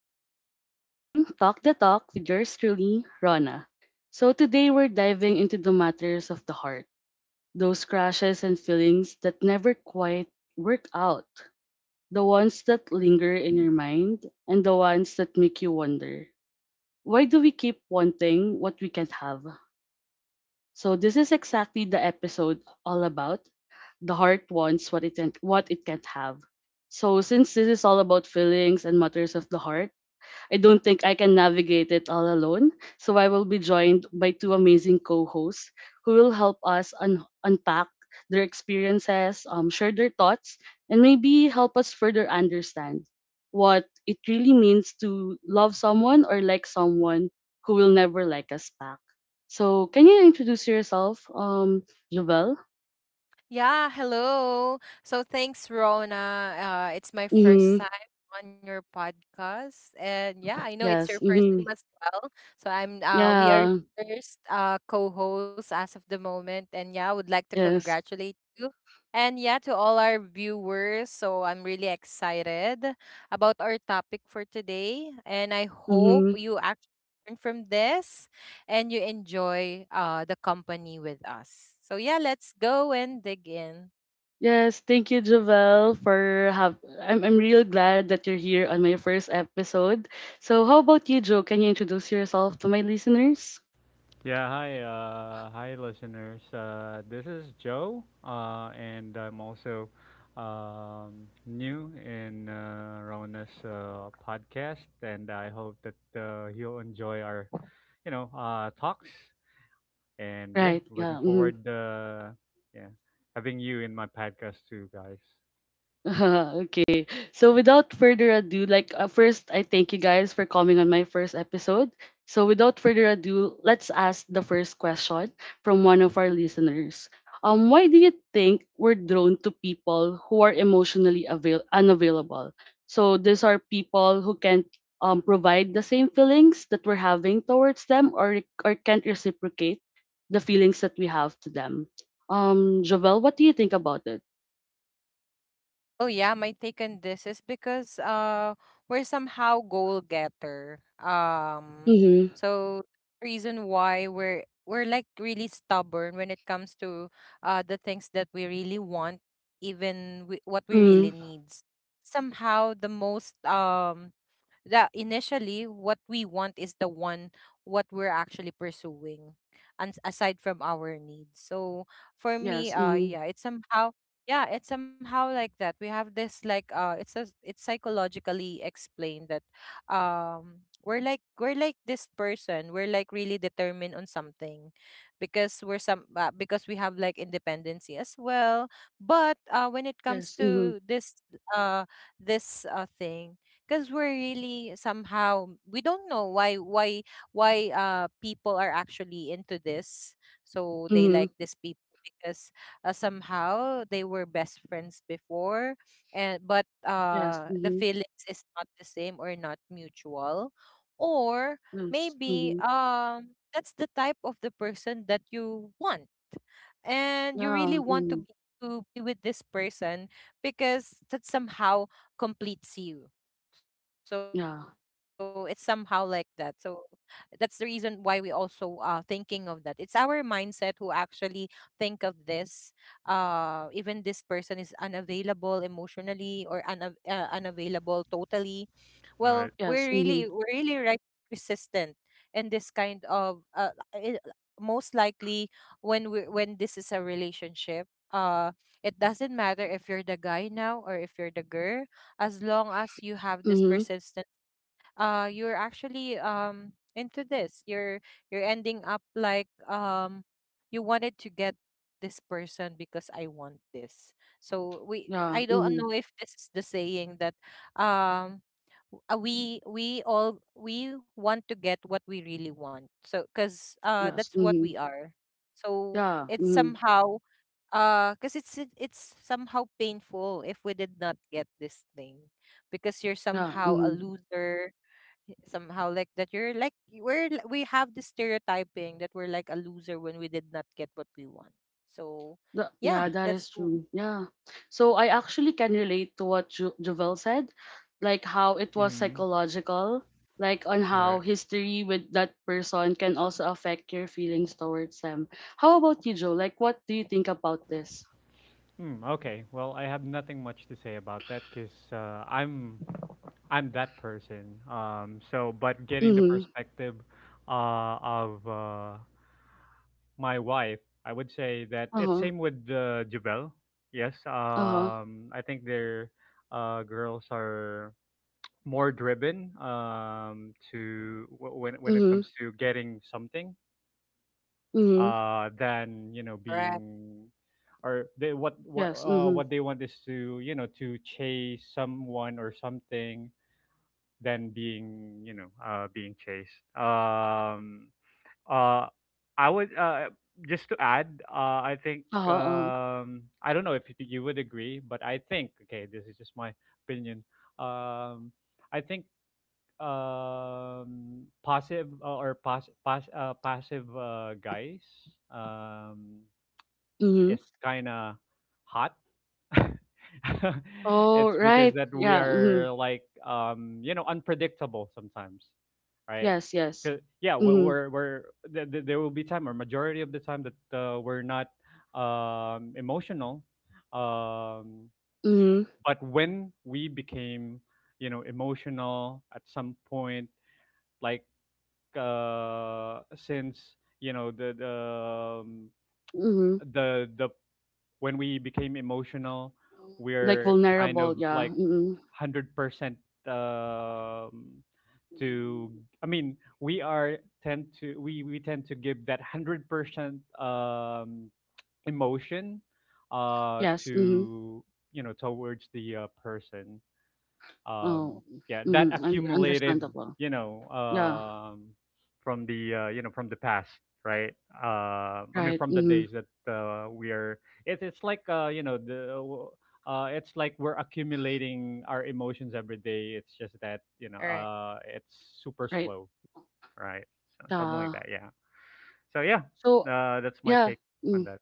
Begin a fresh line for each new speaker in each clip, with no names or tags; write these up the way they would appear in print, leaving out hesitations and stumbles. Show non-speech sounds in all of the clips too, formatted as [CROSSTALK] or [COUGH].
welcome to Talk the Talk with yours truly, Rona. So, today we're diving into the matters of the heart, those crashes and feelings that never quite work out, the ones that linger in your mind, and the ones that make you wonder, why do we keep wanting what we can't have? So, this is exactly the episode all about the heart wants what it can't have. So since this is all about feelings and matters of the heart, I don't think I can navigate it all alone, so I will be joined by two amazing co-hosts who will help us unpack their experiences, share their thoughts, and maybe help us further understand what it really means to love someone or like someone who will never like us back. So, can you introduce yourself, Jovel?
Yeah, hello. So thanks, Rona. It's my first
Mm-hmm.
time on your podcast, and yeah, I know it's your
Yes.
first time
Mm-hmm.
as well. So I'm. We are your
Yeah.
first co hosts as of the moment, and yeah, I would like to
Yes.
congratulate you, and yeah, to all our viewers. So I'm really excited about our topic for today, and I hope
Mm-hmm.
you actually learn from this and you enjoy the company with us. So yeah, let's go and dig in.
Yes, thank you, Jovel, for have. I'm real glad that you're here on my first episode. So, how about you, Joe? Can you introduce yourself to my listeners?
Yeah, hi, listeners. This is Joe, and I'm also new in Rona's podcast, and I hope that you'll enjoy our talks. And yeah,
Right.
looking
Yeah. Hmm.
forward, yeah, having you in my podcast too, guys.
[LAUGHS] Okay. So without further ado, first, I thank you guys for coming on my first episode. So without further ado, let's ask the first question from one of our listeners. Why do you think we're drawn to people who are emotionally unavailable? So these are people who can't provide the same feelings that we're having towards them, or can't reciprocate the feelings that we have to them. Jovel, what do you think about it?
Oh yeah, my take on this is because we're somehow goal getter.
Mm-hmm.
So reason why we're like really stubborn when it comes to the things that we really want even we, what we really needs. Somehow the most that initially what we want is the one what we're actually pursuing and aside from our needs. So for me
Yes. Mm-hmm.
yeah, it's somehow, yeah, it's somehow like that we have this like it's a, it's psychologically explained that we're like this person, we're like really determined on something because we're some because we have like independency as well. But when it comes
Yes. Mm-hmm.
to this uh this thing, because we're really somehow we don't know why people are actually into this, so they
Mm-hmm.
like this people because somehow they were best friends before. and but
Yes.
uh the
Mm-hmm.
feelings is not the same or not mutual, or
Yes.
maybe
Mm-hmm.
that's the type of the person that you want and you
Yeah.
really want to
Mm-hmm.
be to be with this person because that somehow completes you. So it's somehow
Yeah.
like that. So that's the reason why we also are thinking of that it's our mindset who actually think of this even this person is unavailable emotionally or unavailable totally. Well,
All right.
we're
Yes.
really
Mm-hmm.
we're really right resistant in this kind of most likely when this is a relationship uh it doesn't matter if you're the guy now or if you're the girl. As long as you have this
Mm-hmm.
persistent you're actually into this, you're ending up like you wanted to get this person because I want this. So we,
Yeah.
I don't
Mm-hmm.
know if this is the saying that um we all we want to get what we really want. So because
Yes.
that's what
Mm-hmm.
we are. So
Yeah.
it's
Mm-hmm.
somehow because it's somehow painful if we did not get this thing because you're
Yeah.
somehow a
Mm-hmm.
loser. Somehow like that, you're like, we have this stereotyping that we're like a loser when we did not get what we want. So
Th-
yeah,
yeah. That is true. Yeah. So I actually can relate to what Jovel said, like how it was
Mm-hmm.
psychological, like on
All
how
right.
history with that person can also affect your feelings towards them. How about you, Joe? Like, what do you think about this?
Mm, okay. Well, I have nothing much to say about that because I'm that person. So, but getting the
Mm-hmm.
perspective of my wife, I would say that
Uh
it's
huh.
same with Javel. Yes,
Uh huh.
I think their girls are more driven to when it
Mm-hmm.
comes to getting something,
Mhm.
than
correct.
being, or they what what
Yes.
uh,
Mhm.
what they want is to you know to chase someone or something, than being you know being chased. Uh, I would, just to add. I think,
Uh-huh. Uh-huh.
I don't know if you would agree, but I think, okay, this is just my opinion. Um, I think, passive, guys um,
Mhm.
is kind of hot. [LAUGHS]
Oh,
It's because
right.
that we
Yeah. Mhm.
are like, you know, unpredictable sometimes, right?
Yes. Yes.
'Cause— yeah,
Mhm.
there will be time or majority of the time that we're not emotional, um,
Mhm.
but when we became, you know, emotional at some point, like, since, you know, um,
Mhm.
the when we became emotional,
Like
we're kind of
vulnerable. Yeah.
like
Mhm.
100%. Um to I mean, we tend to give that 100% emotion
Yes. Mhm.
to, you know, towards the person, um,
Oh.
yeah, that
Mhm.
accumulated,
Understandable.
you know,
Yeah.
from the, from the past, right? I mean,
Right.
from the
Mhm.
days that we are. It's like. You know the. It's like we're accumulating our emotions every day. It's just that, you know,
Correct.
it's super
Right.
slow, right? So, something like
Uh,
that, yeah. So yeah,
so.
that's my
Yeah.
take on
Mm.
that.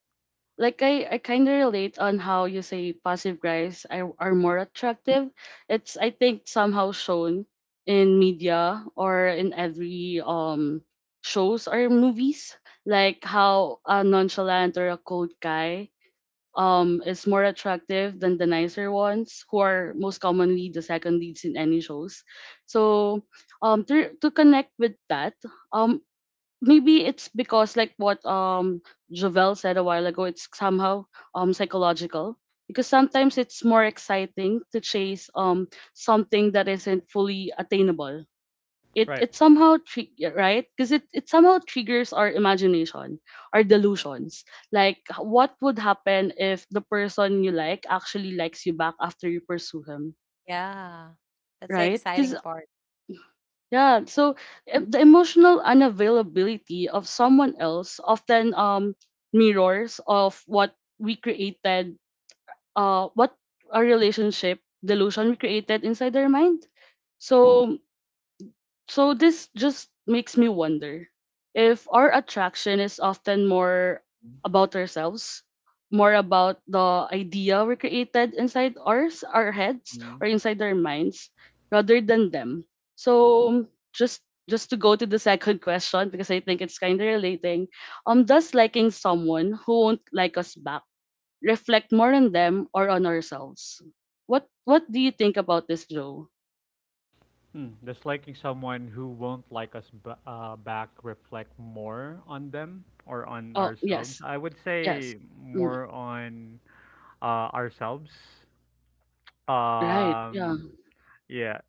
Like I kind of relate on how you say passive guys are, more attractive. It's, I think, somehow shown in media or in every shows or movies, like how a nonchalant or a cold guy is more attractive than the nicer ones, who are most commonly the second leads in any shows. So to connect with that, um maybe it's because, like what Jovel said a while ago, it's somehow psychological, because sometimes it's more exciting to chase something that isn't fully attainable. It
Right.
it somehow right, because it somehow triggers our imagination, our delusions. Like, what would happen if the person you like actually likes you back after you pursue him,
Yeah. That's the
right?
exciting part
Yeah, so the emotional unavailability of someone else often mirrors of what we created, what a relationship delusion we created inside their mind. So this just makes me wonder if our attraction is often more about ourselves, more about the idea we created inside our heads, or inside our minds, rather than them. So just to go to the second [LAUGHS] question, because I think it's kind of relating. Does liking someone who won't like us back reflect more on them or on ourselves? What do you think about this, Joe?
Hmm, does someone who won't like us back reflect more on them or on
Oh
ourselves?
yes,
I would
yes.
say
Mm.
more on ourselves.
Right, yeah.
Um, yeah,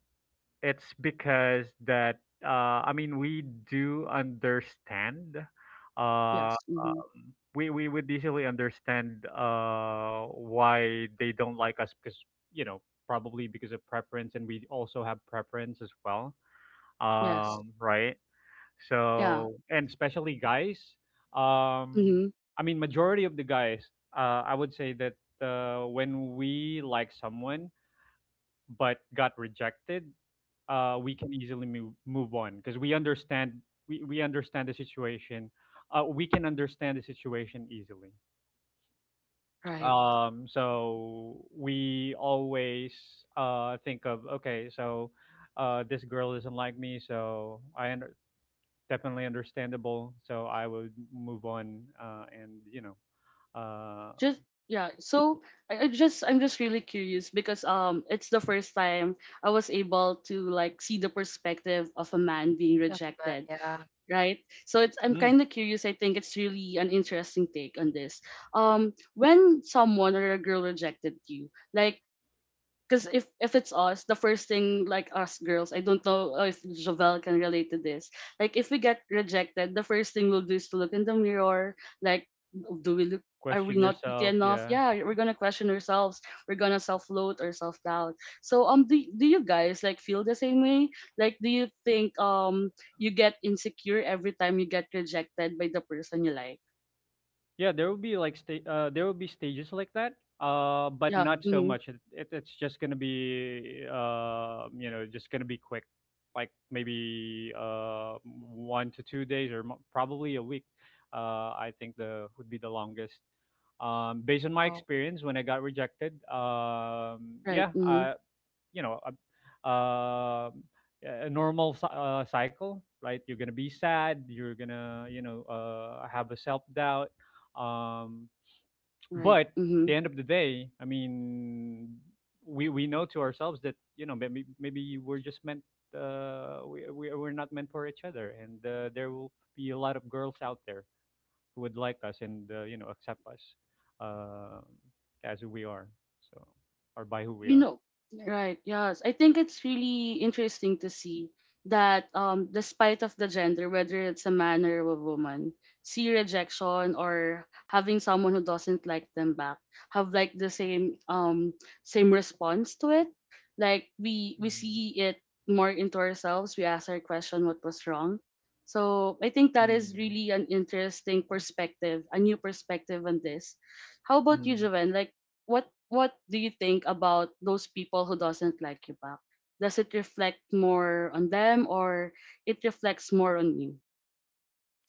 it's because that, I mean, we do understand. Uh,
Yes, mhm.
we would easily understand why they don't like us because, you know, probably because of preference, and we also have preference as well,
Yes.
right.
Yeah.
So, and especially guys, um
Mhm.
I mean, majority of the guys, I would say that when we like someone but got rejected, we can easily move on because we understand. We understand the situation, we can understand the situation easily,
Right.
so we always think of, okay, so this girl doesn't like me, so, definitely understandable. So I would move on, and, uh,
Just yeah. So I'm just really curious, because it's the first time I was able to like see the perspective of a man being
of the man.
rejected,
Yeah.
right? So it's I'm
mm,
kind of curious. I think it's really an interesting take on this. When someone or a girl rejected you, like, because if it's us, the first thing, like us girls, I don't know if Jovel can relate to this. Like if we get rejected, the first thing we'll do is to look in the mirror. Like, do we look? Are we
question
not pretty
yourself.
enough?
Yeah,
Yeah, we're gonna question ourselves. We're gonna self-loathe or self-doubt. So do you guys like feel the same way? Like, do you think you get insecure every time you get rejected by the person you like?
yeah. There will be like there will be stages like that, but
Yeah.
not so
Mm-hmm.
much. It's just gonna be, just gonna be quick, like maybe 1 to 2 days, or probably a week. I think the would be the longest, based on my
Oh.
experience when I got rejected.
Right.
Yeah,
Mm-hmm.
I, you know a, A normal cycle, right? You're gonna be sad, you're gonna, you know, have a self-doubt, um,
Right.
but at
Mm-hmm.
the end of the day, I mean, we know to ourselves that, you know, maybe we're just meant, we're not meant for each other, and there will be a lot of girls out there who would like us and, you know, accept us uh, as who we are, so, or by who we
you
are.
know right, yes, I think it's really interesting to see that, despite of the gender, whether it's a man or a woman, see rejection or having someone who doesn't like them back have like the same same response to it. Like we see it more into ourselves. We ask our question, what was wrong? So I think that is
Mm-hmm.
really an interesting perspective, a new perspective on this. How about you,
Mm,
Joven? Like, what do you think about those people who doesn't like you back? Does it reflect more on them, or it reflects more on you?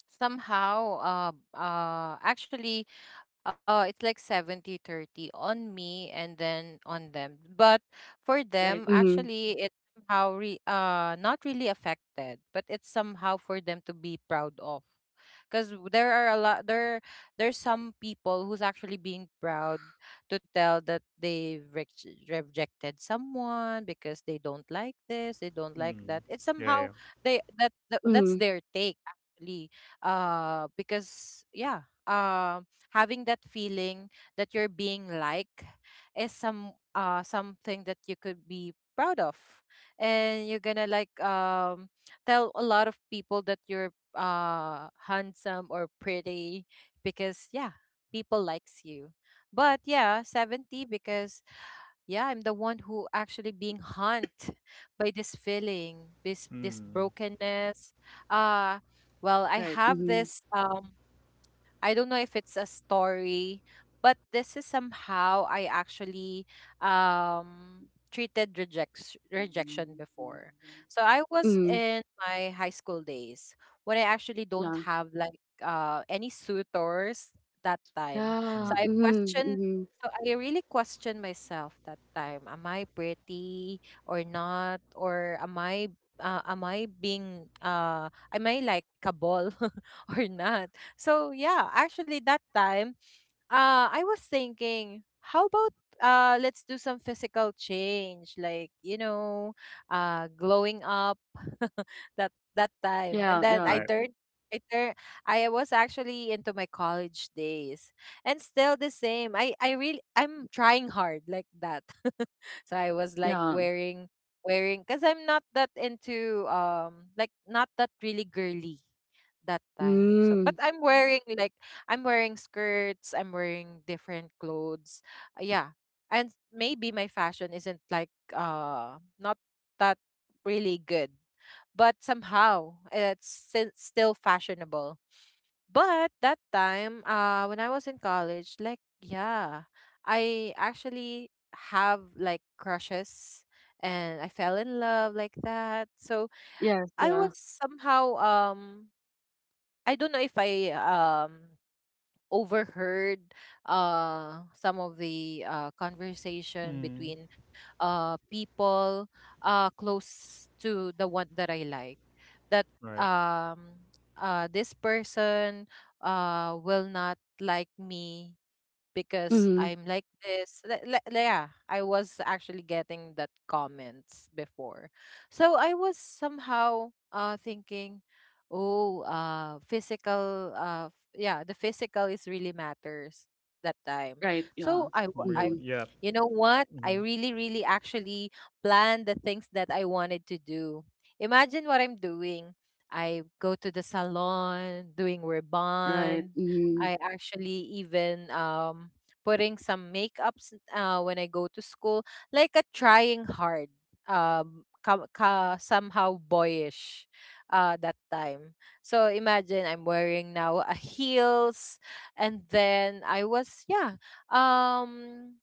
Somehow actually, it's like 70-30 on me and then on them. But for them
Right. Mm-hmm.
actually, it somehow not really affected, but it's somehow for them to be proud of because there are a lot there there's some people who's actually being proud to tell that they rejected someone because they don't like this, they don't like that.
mm.
It's
Yeah,
somehow,
yeah.
they, that that's
Mm-hmm.
their take actually because yeah, um having that feeling that you're being liked is something that you could be proud of, and you're gonna like tell a lot of people that you're handsome or pretty because yeah, people likes you. But yeah, 70 because yeah, I'm the one who actually being haunted by this feeling, this
Mm,
brokenness. uh well, I
Right.
have
Mm-hmm.
this I don't know if it's a story, but this is somehow I actually um treated rejection before. So I was
Mm-hmm.
in my high school days when I actually don't
Yeah.
have like any suitors that time. So
Yeah.
I
mm.
Mm-hmm.
question
Mm-hmm.
so I really questioned myself that time. Am I pretty or not? Or am I, am I being am I likable [LAUGHS] or not? So yeah, actually that time, I was thinking, how about let's do some physical change, like you know, glowing up [LAUGHS] that time. And
Yeah.
then I
Yeah.
Right.
turned, I turned, I was actually into my college days, and still the same. I really, I'm trying hard like that. [LAUGHS] So I was like
Yeah.
wearing because I'm not that into like not that really girly that time. So
Mm.
but I'm wearing like, I'm wearing skirts, I'm wearing different clothes. Yeah. And maybe my fashion isn't like not that really good, but somehow it's still fashionable. But that time when I was in college, like yeah, I actually have like crushes and I fell in love like that. So
Yes.
I
Yeah.
was somehow I don't know if I overheard some of the conversation
Mm,
between people close to the one that I like. That
right.
um, this person will not like me because
Mm-hmm.
I'm like this. Yeah, I was actually getting that comments before. So I was somehow thinking, oh, yeah, the physical is really matters that time.
Right.
So
Yeah.
I w- I
Mm-hmm.
Really? Yeah.
you know what? I
Mm,
really really actually planned the things that I wanted to do. Imagine what I'm doing. I go to the salon, doing
Right.
rebond,
Mm-hmm.
I actually even putting some makeups when I go to school, like a trying hard, ka, ka somehow boyish that time. So imagine I'm wearing now a heels and then I was yeah. Um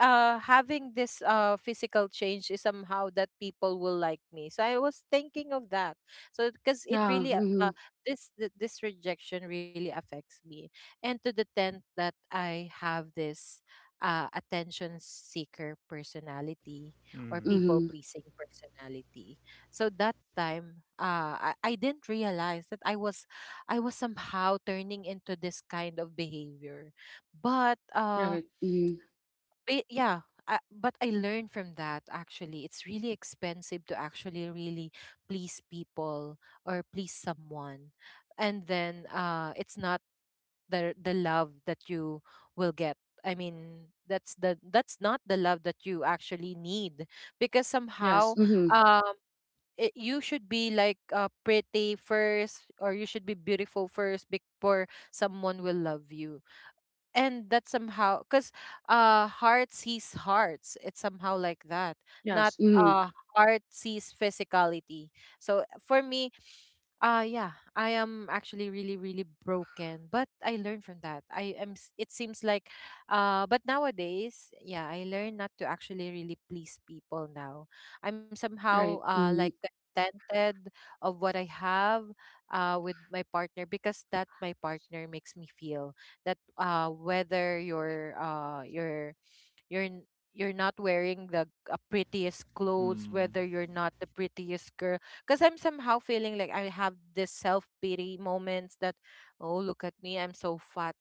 having this physical change is somehow that people will like me, so I was thinking of that. So because it
Yeah.
really
Mm-hmm.
this rejection really affects me and to the tent that I have this attention seeker personality or
mm,
people
Mm-hmm.
pleasing personality. So that time I didn't realize that I was somehow turning into this kind of behavior. But uh
Right. Mm-hmm.
but Yeah, but I learned from that actually. It's really expensive to actually really please people or please someone. And then it's not the love that you will get. I mean, that's the, that's not the love that you actually need because
Yes.
somehow
Mm-hmm.
um it, you should be like pretty first or you should be beautiful first before someone will love you. And that somehow because heart sees hearts, it's somehow like that, not
Yes. Mm-hmm.
heart sees physicality. So for me yeah, I am actually really really broken, but I learned from that. It seems like, but nowadays, yeah, I learn not to actually really please people now. I'm somehow
Right. Mm-hmm.
like contented of what I have with my partner because that my partner makes me feel that whether you're n- you're not wearing the prettiest clothes,
mm,
whether you're not the prettiest girl because I'm somehow feeling like I have this self-pity moments that oh, look at me, I'm so fat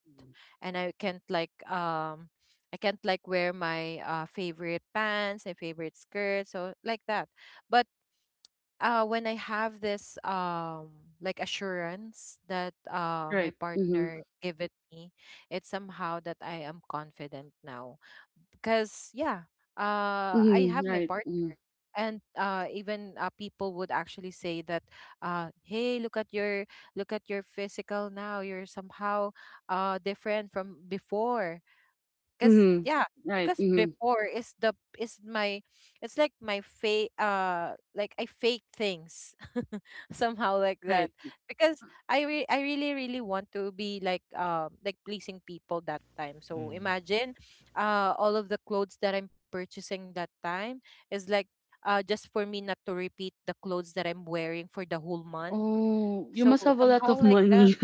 and I can't like I can't like wear my favorite pants and favorite skirts, so like that. But when I have this assurance that my
Right. Mm-hmm.
partner give it me, it's somehow that I am confident now. Because yeah, I
Mhm,
have my
right.
part.
Mm.
And even people would actually say that hey, look at your, look at your physical now, you're somehow different from before. Cause
Mhm.
yeah,
Right.
because
Mhm.
before is the, is my, it's like my fake I fake things [LAUGHS] somehow like that
Right.
because I really really want to be like pleasing people that time. So
mm.
imagine all of the clothes that I'm purchasing that time is like just for me not to repeat the clothes that I'm wearing for the whole month.
Oh, you
So
must have a lot
somehow
of
like that.
money.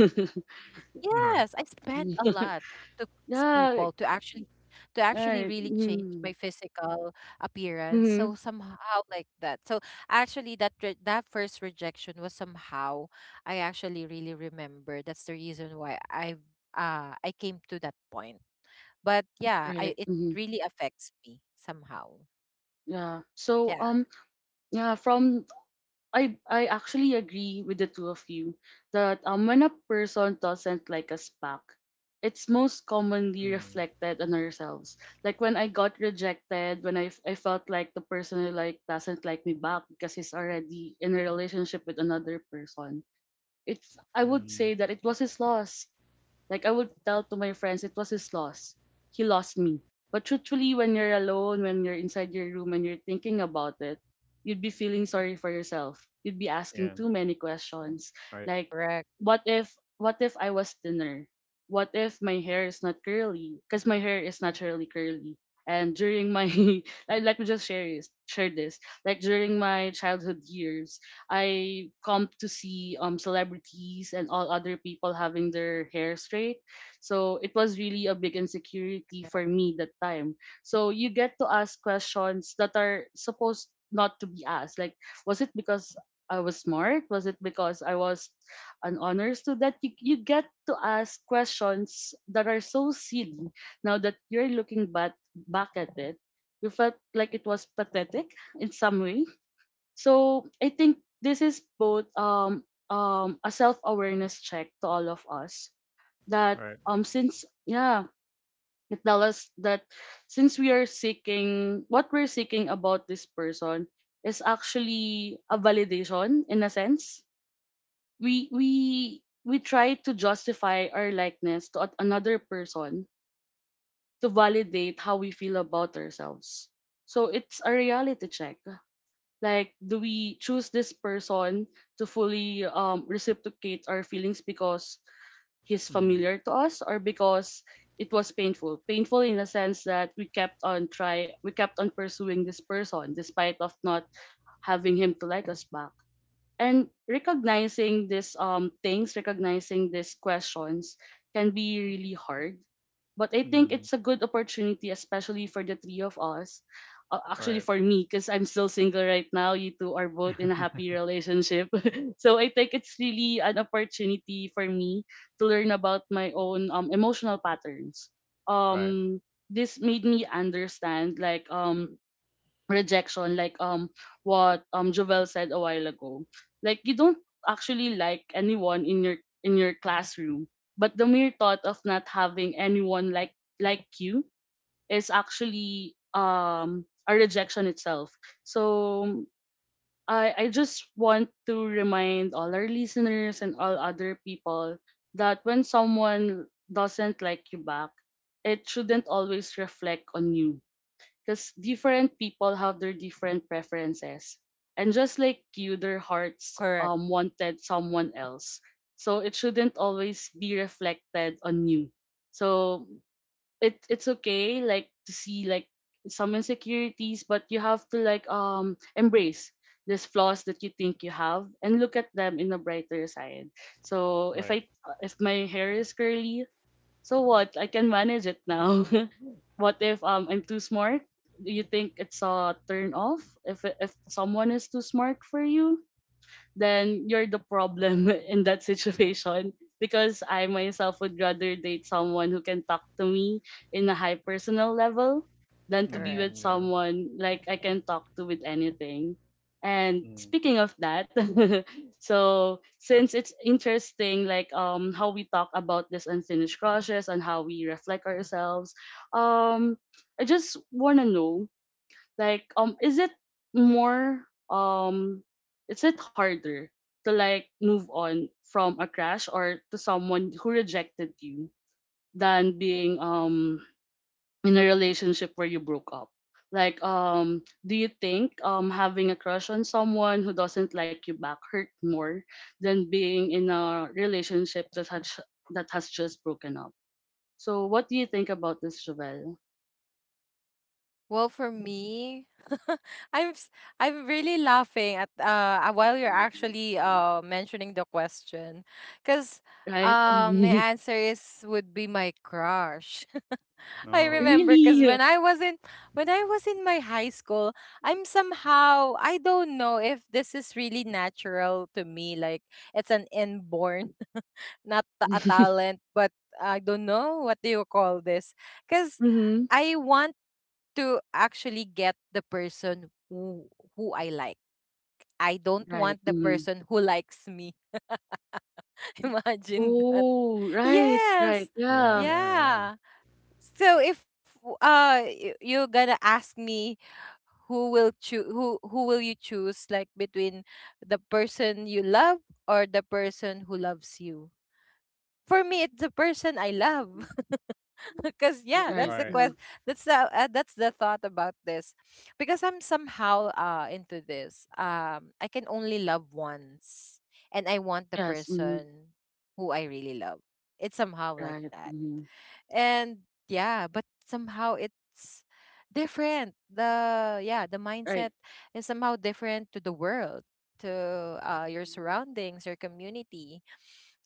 [LAUGHS] Right.
Yes, I spend a
[LAUGHS]
lot to please
Yeah,
people, to actually, to actually
right.
really change
Mm-hmm.
my physical appearance.
Mm-hmm.
So somehow like that. So actually that first rejection was somehow I actually really remember. That's the reason why I came to that point. But yeah, I
Right.
it
Mm-hmm.
really affects me somehow.
Yeah. So
Yeah,
yeah, from I actually agree with the two of you that, when a person doesn't like us back, it's most commonly
Mm,
reflected on ourselves. Like when I got rejected, when I felt like the person I like doesn't like me back because he's already in a relationship with another person. It's I would
mm.
say that it was his loss. Like I would tell to my friends it was his loss. He lost me. But truthfully, when you're alone, when you're inside your room and you're thinking about it, you'd be feeling sorry for yourself. You'd be
Yeah.
asking too many questions.
Right.
Like,
correct,
what if I was thinner? What if my hair is not curly? Because my hair is naturally curly. And during my [LAUGHS] like, let me just share this. Like during my childhood years, I come to see celebrities and all other people having their hair straight. So it was really a big insecurity for
correct,
me that time. So you get to ask questions that are supposed not to be asked. Like, was it because I was smart? Was it because I was an honor student? You get to ask questions that are so silly. Now that you're looking back at it, you felt like it was pathetic in some way. So I think this is both a self awareness check to all of us, that,
Right.
since, yeah, it tell us that since we are seeking, what we're seeking about this person is actually a validation. In a sense, we we we try to justify our likeness to another person to validate how we feel about ourselves. So it's a reality check. Like, do we choose this person to fully, reciprocate our feelings because he's
Mm,
familiar to us, or because it was painful? Painful in the sense that we kept on pursuing this person despite of not having him to like us back. And recognizing these questions can be really hard, but I think
mm.
it's a good opportunity, especially for the three of us, actually
Right.
for me, because I'm still single right now, you two are both in a happy relationship. [LAUGHS] So I think it's really an opportunity for me to learn about my own, emotional patterns.
Right.
um this made me understand like, rejection, like, what Jovel said a while ago. Like, you don't actually like anyone in your classroom, but the mere thought of not having anyone like you is actually a rejection itself. So I just want to remind all our listeners and all other people that when someone doesn't like you back, it shouldn't always reflect on you, because different people have their different preferences, and just like you, their hearts
correct,
wanted someone else, so it shouldn't always be reflected on you. So it's okay, like, to see like some insecurities, but you have to, like, embrace these flaws that you think you have and look at them in a brighter side. So
Right.
if my hair is curly, so what? I can manage it now. [LAUGHS] What if, I'm too smart? Do you think it's a turn off if if someone is too smart for you? Then you're the problem [LAUGHS] in that situation, because I myself would rather date someone who can talk to me in a high personal level than to be with
Mm,
correct.
yeah.
someone like I can talk to with anything. And
Mm.
speaking of that, [LAUGHS] so since it's interesting like how we talk about this unfinished crushes and how we reflect ourselves, um I just wanna know like more um is it harder to like move on from a crush or to someone who rejected you than being in a relationship where you broke up. Like do you think having a crush on someone who doesn't like you back hurt more than being in a relationship that has just broken up? So what do you think about this Javel?
Well, for me, [LAUGHS] I'm s- I'm really laughing at while you're actually mentioning the question, because
Right.
my
[LAUGHS]
answer is would be my crush. [LAUGHS] I
Oh.
remember because
Really?
when I was in my high school, I'm somehow, I don't know if this is really natural to me, like it's an inborn [LAUGHS] not a
[LAUGHS]
talent, but I don't know what do you call this because
Mhm.
I want to actually get the person who I like. I don't
Right,
want the
mhm.
person who likes me. [LAUGHS] Imagine that.
Oh, right, right,
Yes.
Yeah.
yeah.
Yeah. Yeah.
Yeah. So if you're gonna ask me who will you choose like between the person you love or the person who loves you? For me it's the person I love. [LAUGHS] because yeah that's
Right,
the
Right.
yeah.
quest that's the thought about this because I'm somehow into this. I can only love once and I want the
Yes, mhm.
person who I really love. It's somehow like
Right,
that.
mhm.
And yeah, but somehow it's different, the
Right.
mindset is somehow different to the world, to your surroundings, your community.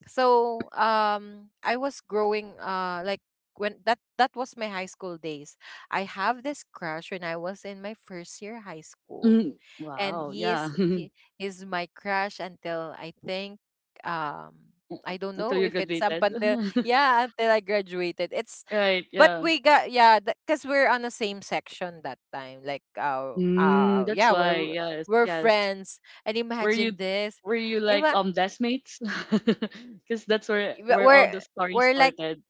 So I was growing like, when that was my high school days, I have this crush when I was in my first year high school.
Mm.
And
Wow, yeah. [LAUGHS]
he is my crush until I think, um I don't
Until you
know if it's up
graduated.
until,
[LAUGHS]
yeah, until I graduated. It's
Right,
But
yeah.
we got, yeah, because we're on the same section that time. Like
Mm,
yeah,
that's why,
we're
yes,
we're
yes.
friends. And
Were
imagine
you
this.
were you like
Ima
deskmates? [LAUGHS] Because that's
we-
where
we're
all the story
we're like
started.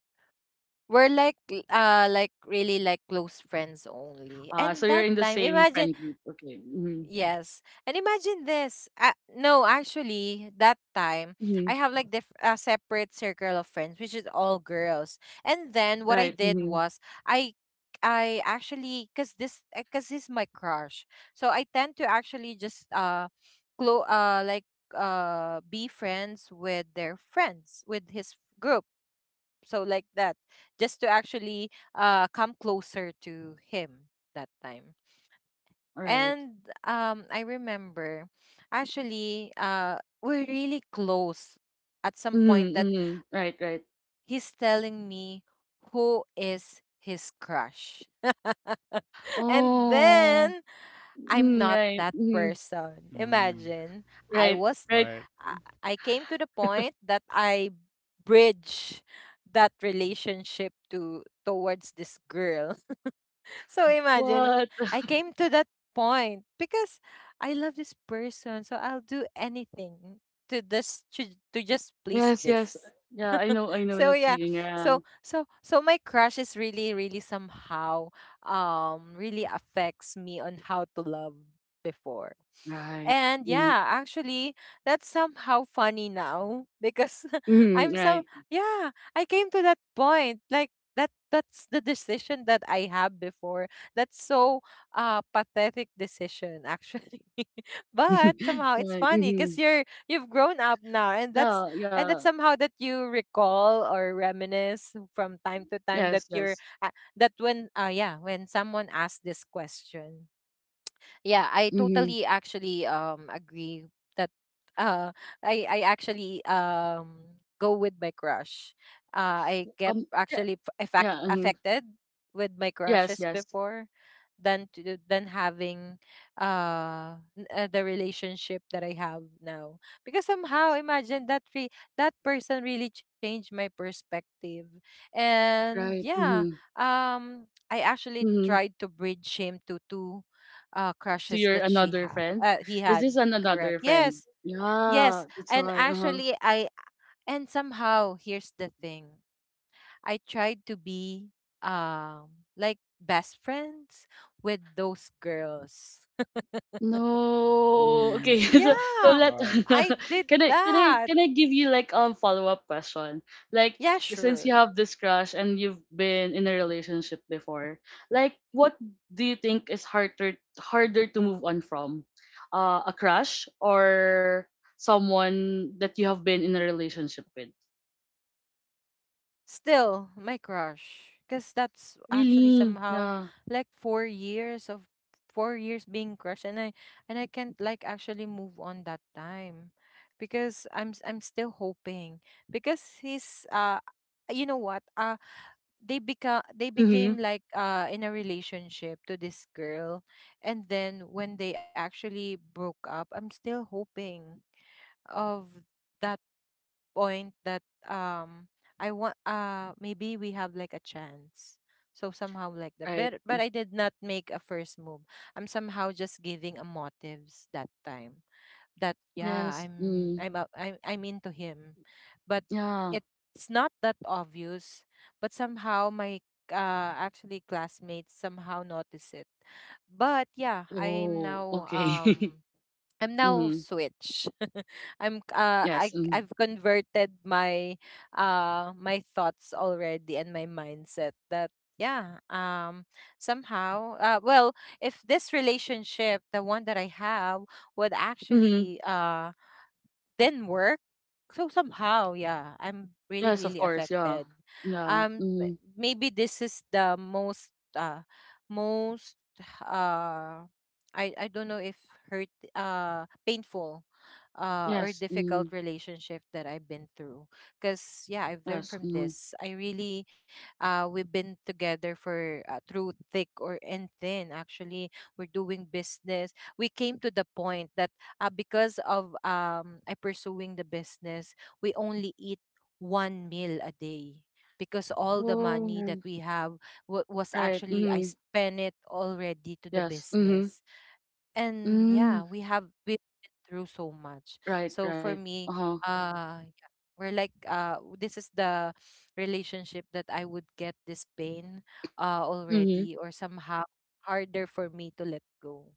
we're like like really like close friends only.
Uh,
And
so
that
you're in the
time,
same
imagine.
friend group. Okay. Mm-hmm.
Yes. And imagine this. No, actually, that time,
Mm-hmm.
I have like a separate circle of friends, which is all girls. And then what I
Right.
did
Mm-hmm.
was I I actually, cuz he's my crush. So I tend to actually just like be friends with their friends, with his group. So like that, just to actually come closer to him that time.
Right.
And I remember actually, we're really close at some point
Mhm,
that
mhm. Right, right.
he's telling me who is his crush. [LAUGHS] And
Oh.
then I'm
Mm,
not
right.
that
Mhm.
person.
Mm.
Imagine. I
Right,
was,
right.
Right.
I I came to the point that I bridge that relationship to towards this girl. So imagine,
What?
I came to that point because I love this person, so I'll do anything to this to, to just please
Yes, yes.
this.
Yeah, I know
So
that
yeah,
feeling. Yeah.
so my crush is really really somehow really affects me on how to love before.
Right.
And
Mm.
yeah, actually, that's somehow funny now because [LAUGHS]
Mhm,
I'm so,
right.
yeah, I came to that point like that's the decision that I have before. That's so pathetic decision actually. [LAUGHS] But
[LAUGHS]
somehow it's
Right.
funny cuz
Mhm.
you've grown up now,
Yeah,
and
yeah.
that's somehow that you recall or reminisce from time to time
Yes,
that you're
yes.
uh, that when yeah, when someone asks this question, yeah, I
Mhm.
totally actually agree that uh I actually go with my crush. I get
Yeah.
actually
Yeah, mhm.
affected with my
Yes,
crushes
yes.
before, than to, than having the relationship that I have now. Because somehow imagine that that person really changed my perspective. And
Right.
yeah,
Mm-hmm.
I actually
Mm-hmm.
tried to bridge him to two
To
crushes
your
that she
another
had
friend.
he
Is
had,
this an another
correct.
friend?
Yes. Yes.
Yeah. That's
And
why. Uh huh.
actually I, and somehow here's the thing. I tried to be like best friends with those girls.
No.
Mm.
Okay. [LAUGHS] So,
Yeah,
let
Right.
I did
[LAUGHS] can I
that.
can I give you like follow up question? Like
Yeah,
since you
sure.
have this crush and you've been in a relationship before, like what do you think is harder to move on from? A crush or someone that you have been in a relationship with?
Still my crush because that's actually
Really?
somehow
Yeah.
like 4 years of, 4 years being crushed, and I can't like actually move on that time because I'm still hoping because he's you know what? They become they
Mm-hmm.
became like in a relationship to this girl, and then when they actually broke up I'm still hoping of that point that um I want, maybe we have like a chance, so somehow like that.
Right.
But I did not make a first move. I'm somehow just giving a motives that time, that yeah,
Yes. Mm.
I'm into him, but
Yeah.
it's not that obvious. But somehow my uh, actually classmates somehow notice it. But yeah, I'm
Oh,
now
okay. [LAUGHS]
I'm now
Mm.
switch. [LAUGHS] I'm
Yes.
I've converted my my thoughts already and my mindset that, yeah, somehow well, if this relationship, the one that I have, would
Mm.
actually then work. So somehow, yeah, I'm really,
Yes, of
really
course. Yeah.
affected.
Yeah. Mm.
Maybe this is the most, most, uh, I don't know if hurt, painful,
Yes.
or
Mm.
difficult relationship that I've been through. Cause yeah, I've
Yes.
learned from
Mm.
this. We've been together for, through thick or and thin. Actually, we're doing business. We came to the point that because of I pursuing the business, we only eat one meal a day because all the
Whoa.
money that we have wa was
Right.
actually I
Mm.
spent it already to the
Yes. Mm-hmm.
business. And
Mm.
yeah, we've been through so much.
Right.
So
Right.
for me,
Uh
yeah, we're like this is the relationship that I would get this pain
huh.
already, or somehow harder for me to let go.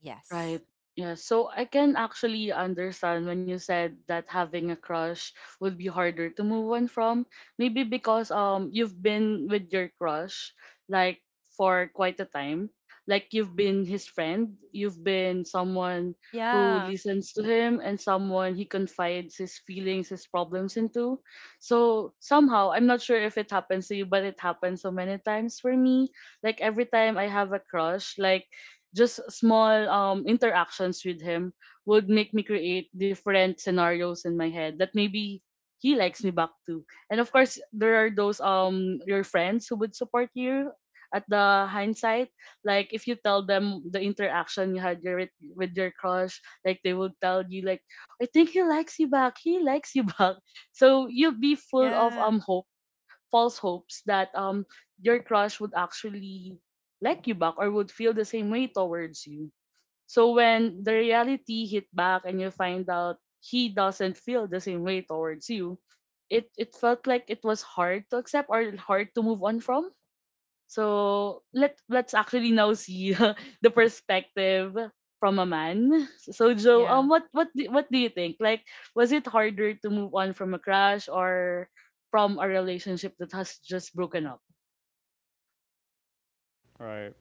Yes.
Right. Yeah. So I can actually understand when you said that having a crush would be harder to move on from. Maybe because you've been with your crush like for quite a time. Like you've been his friend, you've been someone who
Yeah.
listens to him and someone he confides his feelings, his problems into. So somehow, I'm not sure if it happens to you, but it happens so many times for me. Like every time I have a crush, like just small interactions with him would make me create different scenarios in my head that maybe he likes me back too. And of course, there are those your friends who would support you at the hindsight. Like if you tell them the interaction with your crush, like they would tell you like, I think he likes you back. He likes you [LAUGHS] back. So you'll be full of
Yeah.
hope, false hopes that your crush would actually like you back or would feel the same way towards you. So when the
Mhm.
reality hit back and you find out he doesn't feel the same way towards you, it felt like it was hard to accept or hard to move on from. So let's actually now see [LAUGHS] the perspective from a man. So Joe,
Yeah.
what do you think? Like, was it harder to move on from a crush or from a relationship that has just broken up?
Right.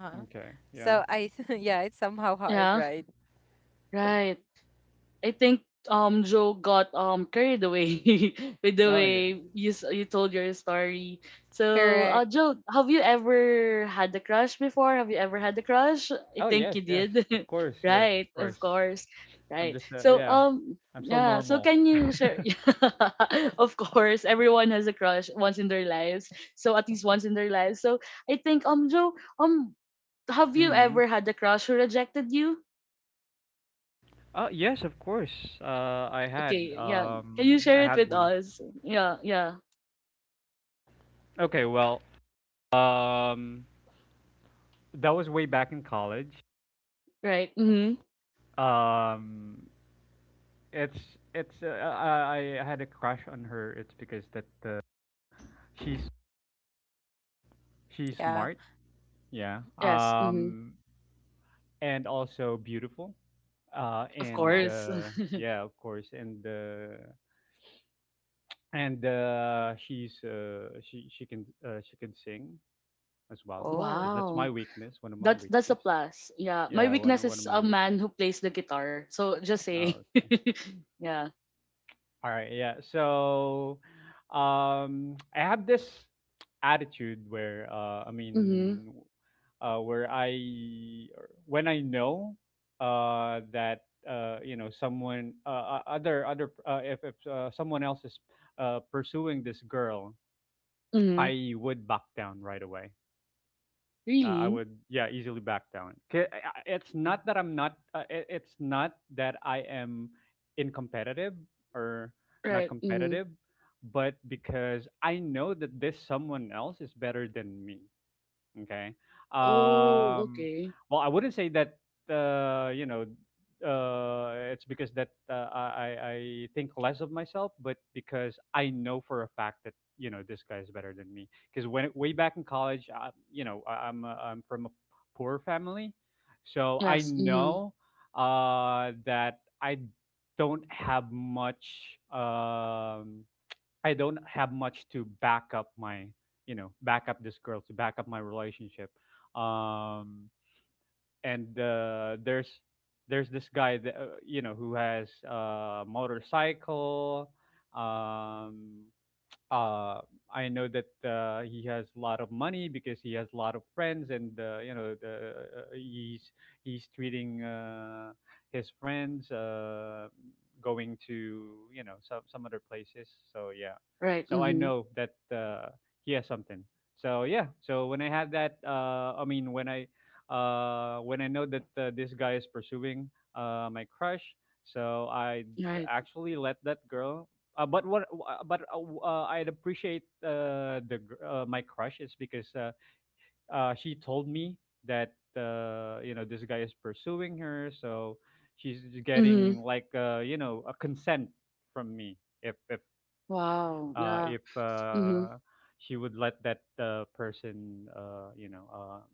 Uh-huh.
Okay. Yeah.
So I, [LAUGHS] yeah, it's somehow hard,
Yeah,
right?
right. I think Joe got carried away [LAUGHS] with the
Oh
way
yeah.
you told your story. So,
Correct.
Joe, have you ever had a crush before? Have you ever had a crush? I
Oh
think
yes.
you
Yes.
did,
Of course.
[LAUGHS]
Yeah.
right?
Of
Of
course.
course,
I'm
right.
just.
So,
Yeah. I'm still
yeah. So,
normal.
can you share? [LAUGHS] Of course, everyone has a crush once in their lives. So, at least once in their lives. So, I think Joe, have you
Mm.
ever had a crush who rejected you?
Yes, of course. Uh, I had,
Okay, yeah. Can you
I
share it
had
with
one.
us? Yeah, yeah.
Okay, well, um, that was way back in college.
Right. Mm-hmm.
Um, it's it's I had a crush on her. It's because that she's she's
Yeah.
smart, yeah.
Mhm.
Yes. Mm-hmm.
And also beautiful.
Of
And
Oh.
course.
yeah, of course, and she can, she can sing as
[LAUGHS]
well.
Whoa.
Because that's my
Wow.
weakness, one of my
That's a
weakness,
plus. Yeah. My
yeah,
weakness
one
is
of my
a man
weakness.
who plays the guitar. So just say.
Oh, okay.
[LAUGHS] Yeah.
All right, yeah, so, I have this attitude where,
Mm-hmm.
where I, when I know that you know someone, other, if someone else is pursuing this girl,
Mm-hmm.
I would back down right away. I
Really?
would, yeah, easily back down. 'Kay, it's not that I'm not. It- it's not that I am incompetitive, or not
Right. Mm-hmm.
competitive, but because I know that this someone else is better than me. Okay.
Oh,
Um,
okay.
well, I wouldn't say that, uh, you know it's because that, I think less of myself, but because I know for a fact that, you know, this guy is better than me. Because when way back in college, I, you know, I'm, I'm from a poor family, so I
Yes. Mm-hmm.
know that I don't have much. I don't have much to back up my, you know, back up this girl, to back up my relationship. Um, and there's this guy that, you know, who has a motorcycle, um, uh, I know that he has a lot of money because he has a lot of friends, and, you know, the, he's treating his friends, going to, you know, some other places. So yeah,
Right.
so I
Mm-hmm.
know that he has something. So yeah, so when I had that, when I know that this guy is pursuing my crush, so I
Right.
actually let that girl. But what? But I'd appreciate, my crush, is because, she told me that, you know, this guy is pursuing her, so she's
Mm-hmm.
getting like, you know, a consent from me, if
Wow. Yeah.
if,
Mm-hmm.
she would let that person, you know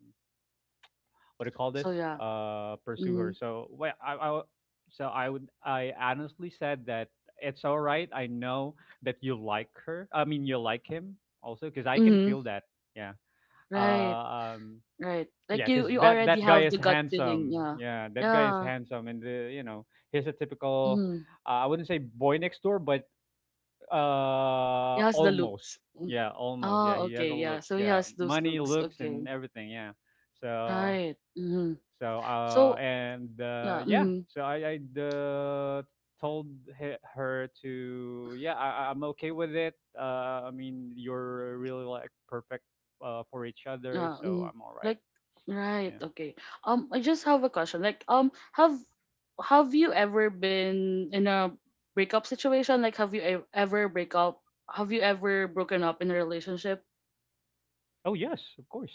what do you call
So
this
yeah.
pursue her.
Mm-hmm.
So well, I w- so I would, I honestly said that it's all right, I know that you like her, I mean you like him, also because I can
Mm-hmm.
feel that, yeah.
Right.
uh, um
Right. Like
yeah,
you
because
you
that
already
that guy
have the
is
gut feeling,
handsome,
yeah.
yeah, that guy is
Yeah.
handsome, and, the, you know, he's a typical,
Mm.
I wouldn't say boy next door, but
He has the
almost.
looks. Mm.
Yeah, almost, yeah,
Oh,
he has
okay,
a
yeah.
looks,
So he
yeah,
has those
money,
looks.
looks,
Okay.
and everything, yeah. so
Right. Mm.
so uh,
So
and uh,
yeah,
yeah,
mm,
so I told her to, yeah, I am okay with it. I mean, you're really like perfect for each other,
yeah,
so
mm.
I'm all right.
Like right,
Yeah.
okay. I just have a question. Like have you ever been in a breakup situation? Like have you ever broken up in a relationship?
Oh yes, of course.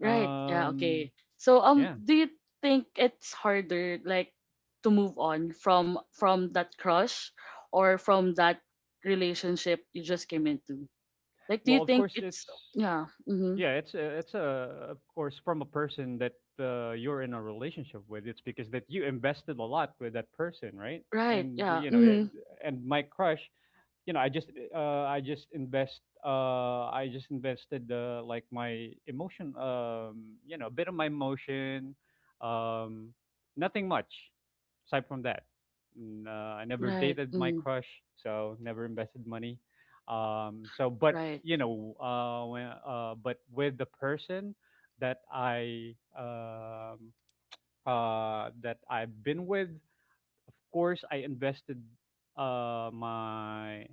Right. Yeah.
Um.
Okay. So,
Yeah.
do you think it's harder, like, to move on from that crush or from that relationship you just came into? Like, do
Well,
you
of
think
course it's,
it's yeah? Mm-hmm.
yeah, it's a of course from a person that you're in a relationship with. It's because that you invested a lot with that person, right?
Right.
And
Yeah.
you know
Mm-hmm.
it, and my crush, you know, I just, I just invest I just invested, like, my emotion, you know, a bit of my emotion, um, nothing much aside from that. Mm, I never
Right.
dated my
Mm-hmm.
crush, so never invested money, so, but,
Right.
you know, but with the person that I, that I've been with, of course I invested, my,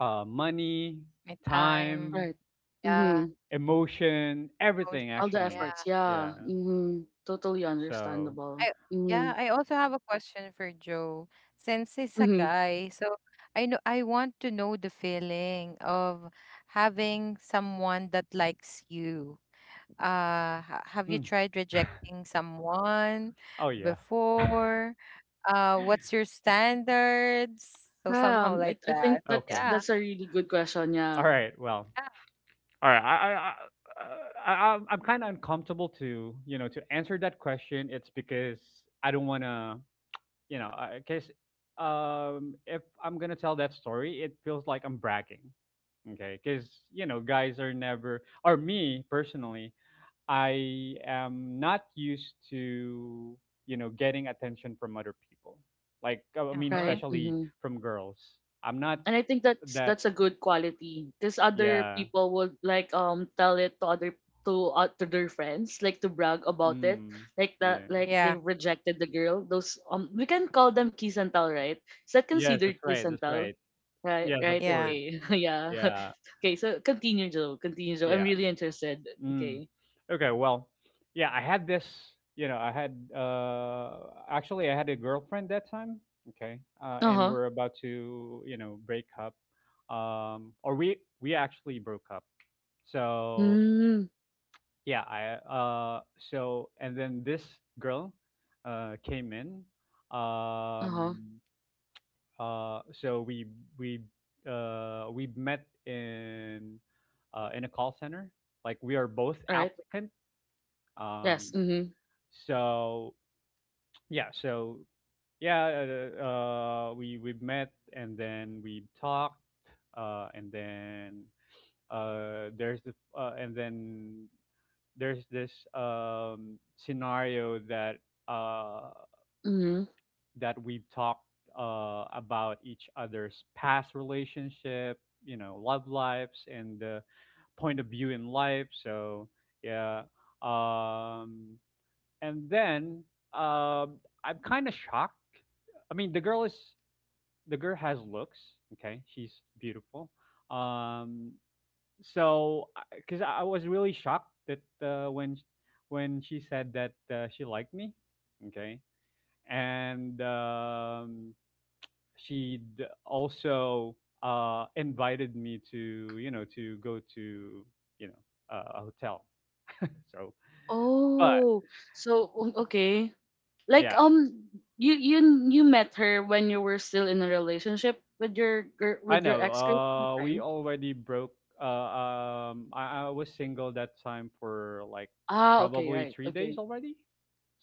money,
My time.
time,
Right.
Yeah.
Mm-hmm.
emotion, everything
All
Emotions.
the
actually.
Yeah.
efforts.
Yeah.
Yeah. Mm-hmm. Totally
So,
understandable.
I,
Mm-hmm.
yeah, I also have a question for Joe. Since he's a
Mm-hmm.
guy, so I know I want to know the feeling of having someone that likes you. Have you
mm,
tried rejecting someone
oh yeah.
before? What's your standards? So
Yeah.
somehow like
I think
that.
Okay.
Yeah.
that's a really good question.
All
Yeah.
right. Well,
Yeah.
all right. I'm- kind of uncomfortable to, you know, to answer that question. It's because I don't want to, you know, because, if I'm gonna tell that story, it feels like I'm bragging. Okay, because, you know, guys are never, or me personally, I am not used to, you know, getting attention from other people. Like, oh, I mean,
Uh-huh.
Right.
especially
Mm-hmm.
from girls. I'm not
And I think
that,
that's a good quality, because other
yeah.
people would like tell it to other, to their friends, like to brag about it,
Mm,
like that,
yeah.
like
Yeah.
they rejected the girl. Those we can call them kiss and tell, right? Is that
Yes,
considered
that's
kiss
right.
and
That's
tell?
right.
Right,
Yes, of
right,
Yeah.
course.
okay. [LAUGHS] Yeah.
Yeah.
[LAUGHS] Okay, so continue Joe, continue Joe, I'm
Yeah.
really interested.
Mm.
Okay.
Okay, well, yeah, I had this, you know, I had, actually, I had a girlfriend that time. Okay.
Uh
And
huh.
we're about to, you know, break up. We actually broke up. So
Mm,
yeah I so and then this girl came in.
uh huh.
um we we we met in a call center, like we are both
All right.
applicant. um
Yes.
so yeah so yeah we met, and then we talked, and then uh there's the uh, and then there's this scenario that uh,
Mm-hmm.
that we've talked, about each other's past relationship, you know, love lives, and the point of view in life. So yeah, um, and then um I'm kind of shocked. I mean, the girl has looks. Okay, she's beautiful. Um, so because I was really shocked that when she said that she liked me. Okay. And she also invited me to, to go to, you know a hotel. So but
Oh, so okay. Like
yeah,
you you you met her when you were still in a relationship with your girl,
I
with your
know
ex girl at the
we
time.
already broke. I was single that time for like
Ah, okay,
probably
right,
3 days
okay.
already,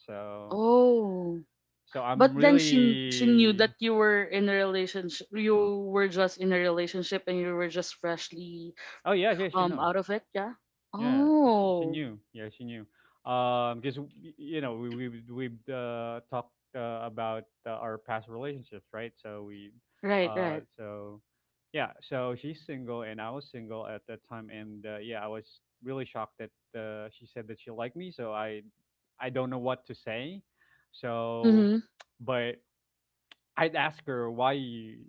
so
Oh,
so
but
I'm
then she knew that
really.
you were in a relationship. You were just in a relationship, and you were just freshly
Oh yeah, yeah, she know.
out of it. Yeah.
Yeah, she
Oh,
knew. Yeah, she knew. Because y- you know we talked, about our past relationships, right? So we,
right, right.
so Yeah, so she's single and I was single at that time, and yeah, I was really shocked that she said that she liked me. So I don't know what to say. So,
Mm-hmm.
but I'd ask her,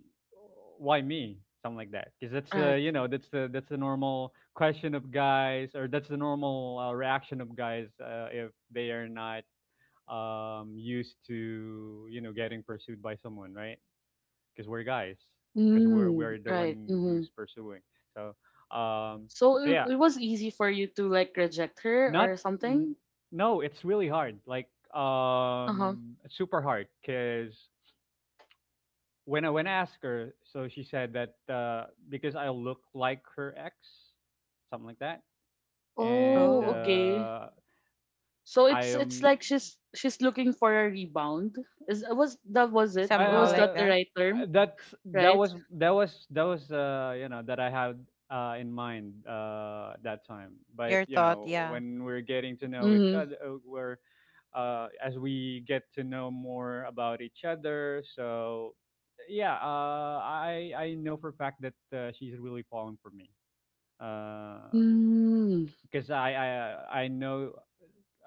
why me, something like that, because that's
Right.
that's the, normal question of guys, or that's the normal reaction of guys if they are not used to, you know, getting pursued by someone, right? Because we're guys, because we're
Mm,
we're the
right.
one
Mm-hmm.
who's pursuing. so um
So
yeah,
it was easy for you to like reject her or
not n-
something?
no, it's really hard.
Uh-huh.
It's super hard, because when I asked her, so she said that because I look like her ex, something like that, and
Oh,
Oh,
okay. So
I
it's
am.
like she's looking for a rebound. Is was that Was it?
somehow like
Was
uh,
that
that.
the right term?
that's,
Right?
that was, you know, that I had in mind that time.
Your
But you
thought. Yeah.
know, when we're getting to know each
Mm-hmm.
other, we're as we get to know more about each other, so. Yeah, I know for a fact that she's really falling for me. Um
Mm,
because I know,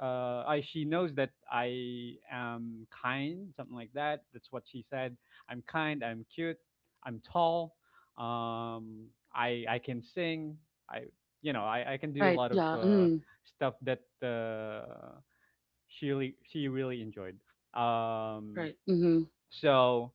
I she knows that I am kind, something like that. That's what she said. I'm kind. I'm cute. I'm tall. Um, I can sing. I you know I can do a
right.
lot of
Yeah. Mm,
stuff that she really enjoyed. Um,
right. Mm-hmm.
so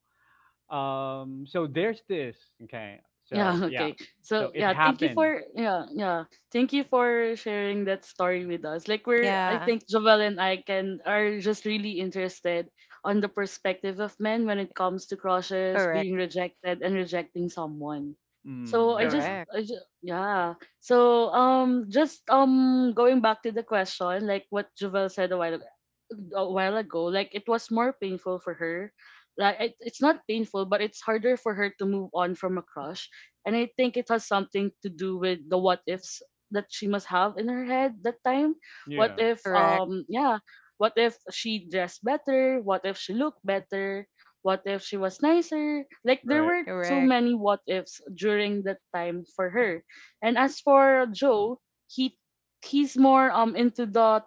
so there's this. Okay.
Yeah,
So
[LAUGHS]
yeah.
okay.
So
So
it
yeah, thank you for
happened.
yeah, yeah. Thank you for sharing that story with us. Like we're
Yeah.
I think Jovel and I can are just really interested on the perspective of men when it comes to crushes,
Correct.
being rejected and rejecting someone.
Mm,
So
yeah. Yeah.
Correct.
I just yeah. So just going back to the question, like what Jovel said a while ago, like it was more painful for her. Like it's not painful, but it's harder for her to move on from a crush. And I think it has something to do with the what ifs that she must have in her head that time. What
Yeah.
if
Correct.
yeah, what if she dressed better? What if she looked better? What if she was nicer? Like there
Right.
were so
Correct.
many what ifs during that time for her. And as for Joe, he he's more into the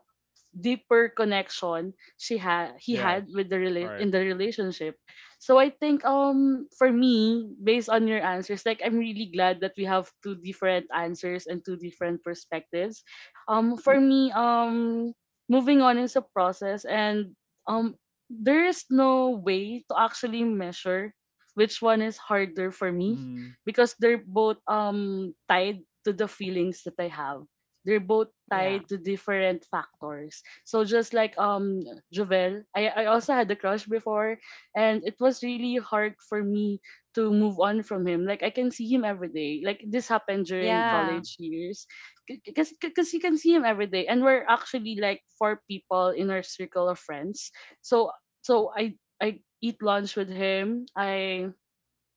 deeper connection she had he
Yes.
had with the in
Right.
the relationship. So I think for me, based on your answers, like I'm really glad that we have two different answers and two different perspectives. Um, for me, moving on is a process and um there is no way to actually measure which one is harder for me,
Mhm.
because they're both tied to the feelings that I have. They're both
Yeah.
tied to different factors. So just like Jovel, I also had a crush before, and it was really hard for me to move on from him. Like I can see him every day. Like this happened during
Yeah.
Mhm.
college years, because you can see him every day, and we're actually like four people in our circle of friends. So I eat lunch with him.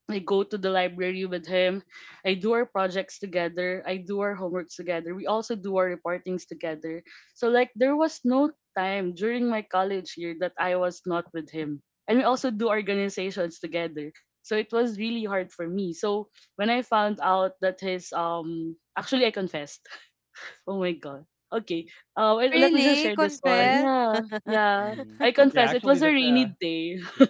I go to the library with him. I do our projects together. I do our homeworks together. We also do our reportings together. So like there was no time during my college year that I was not with him. And we also do organizations together. So it was really hard for me. So when I found out that his um, actually I confessed. [LAUGHS] Oh my god. Okay. Wait, let me just
Really?
share this one.
I
Confess?
Yeah.
[LAUGHS]
Yeah.
mhm.
I
Yeah,
confess it was
actually
a
that's
rainy day.
y-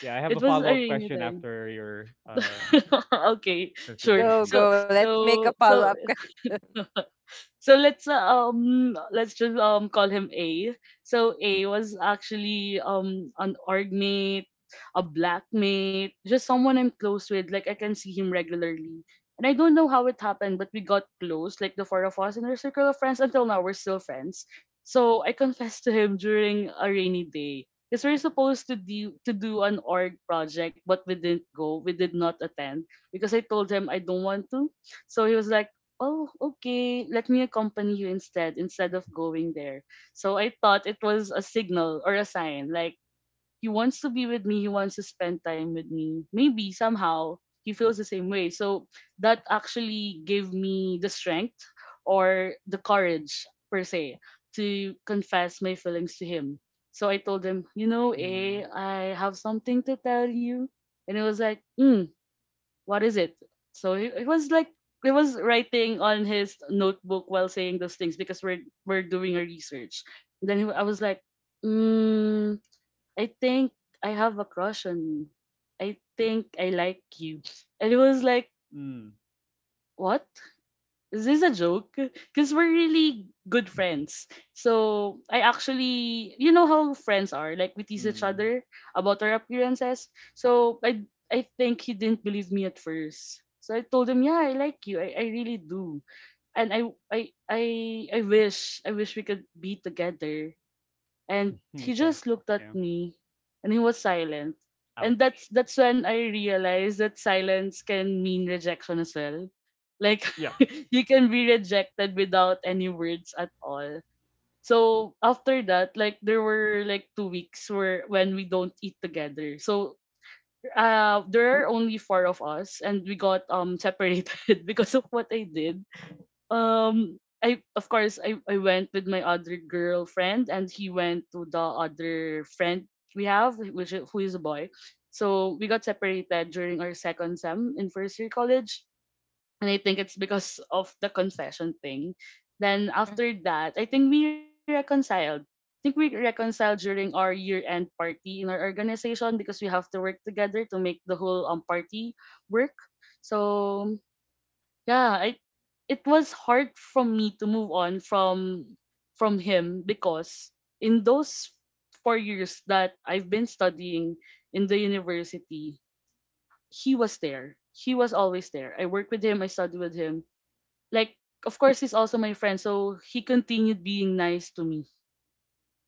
yeah, I have
It
a
was a
follow-up
rainy
question
day.
after your
[LAUGHS] Okay,
since you
sure.
Go,
mentioned that.
So
go. Let's make a
so
follow-up [LAUGHS]
so
question.
[LAUGHS] So let's um, let's just call him A. So A was actually an org mate, a black mate, just someone I'm close with. Like I can see him regularly. And I don't know how it happened, but we got close, like the four of us in our circle of friends. Until now, we're still friends. So I confessed to him during a rainy day. Because we're supposed to do an org project, but we didn't go. We did not attend because I told him I don't want to. So he was like, oh, okay, let me accompany you instead of going there. So I thought it was a signal or a sign, like he wants to be with me, he wants to spend time with me, maybe somehow he feels the same way. So that actually gave me the strength or the courage per se to confess my feelings to him. So I told him,
Mm.
I have something to tell you. And it was like, "Hmm, what is it?" So he it was like he was writing on his notebook while saying those things because we're doing a research. Then I was like, mm, I think I have a crush on you. I think I like you. And it was like,
Mm.
what? Is this a joke? Because we're really good friends. So I actually, you know how friends are. Like we tease each
Mm.
other about our appearances. So I think he didn't believe me at first. So I told him, yeah, I like you. I really do. And I wish we could be together. And he
Okay.
just looked at
Yeah.
me and he was silent. And
Ouch.
that's when I realized that silence can mean rejection as well. Like
Yeah.
[LAUGHS] you can be rejected without any words at all. So after that, like there were like 2 weeks where when we don't eat together. So there are only four of us and we got separated [LAUGHS] because of what I did. I, of course I went with my other girlfriend and he went to the other friend we have, who is a boy. So we got separated during our second sem in first year college, and I think it's because of the confession thing. Then
Mhm.
after that, I think we reconciled. I think we reconciled during our year end party in our organization because we have to work together to make the whole party work. So yeah, it was hard for me to move on from him, because in those 4 years that I've been studying in the university, he was there, he was always there. I worked with him, I studied with him. Like, of course he's also my friend, so he continued being nice to me.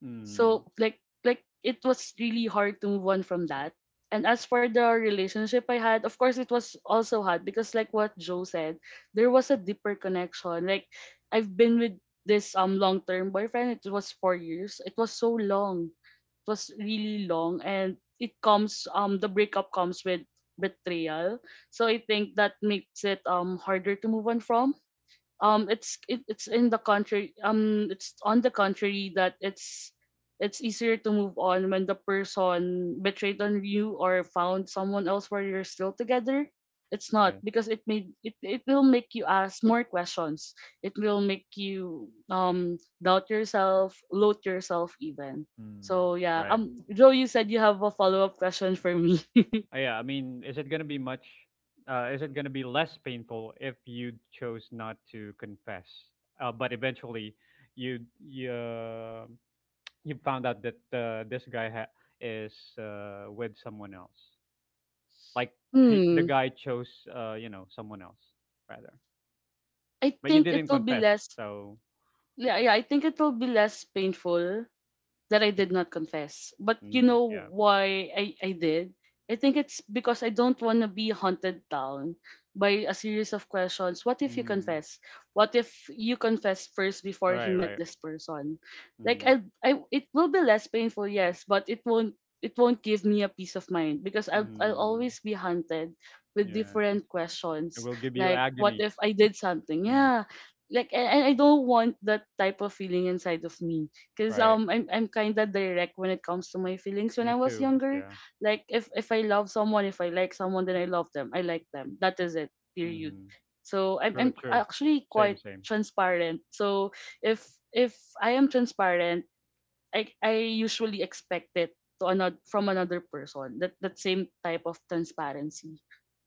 Mm.
So like it was really hard to move on from that. And as for the relationship I had, of course it was also hard because like what Joe said, there was a deeper connection. Like I've been with this long term boyfriend, it was 4 years. It was so long. It was really long, and it comes the breakup comes with betrayal. So I think that makes it harder to move on from. It's in the contrary. It's on the contrary, that it's easier to move on when the person betrayed on you or found someone else, where you're still together. It's
Yeah.
not, because it it will make you ask more questions. It will make you doubt yourself, loathe yourself even.
Mm.
So yeah,
Right.
Joe, you said you have a follow-up question for me. [LAUGHS]
Yeah, I mean, is it going to be much is it going to be less painful if you chose not to confess? But eventually you you you found out that this guy is with someone else. Like the
Hmm,
guy chose, you know, someone else rather.
I
But you
think it
didn't
will be
confess,
less.
so
Yeah I think it will be less painful that I
it,
did not confess. But you
mm,
know
yeah,
why I did? I think it's because I don't want to be hunted down by a series of questions. What if you
mm,
confess? What if you confess first before he
right,
met
right,
this person? Like
mm,
I, it will be less painful, yes, but it won't, it won't give me a peace of mind because I'll
mm,
always be hunted with
yeah.
different
It
questions.
will give you
Like what if
agonies.
I did something?
Yeah,
Yeah. Like, and I don't want that type of feeling inside of me. Cause
right.
I'm kinda direct when it comes to my feelings when
Me
I was
too.
younger.
Yeah.
Like if I love someone, if I like someone, then I love them. I like them. That is it. Period.
Mm-hmm.
So
True,
I'm
true.
actually
Same,
quite
same.
transparent. So if if I am transparent, I usually expect it to another from another person. That same type of transparency.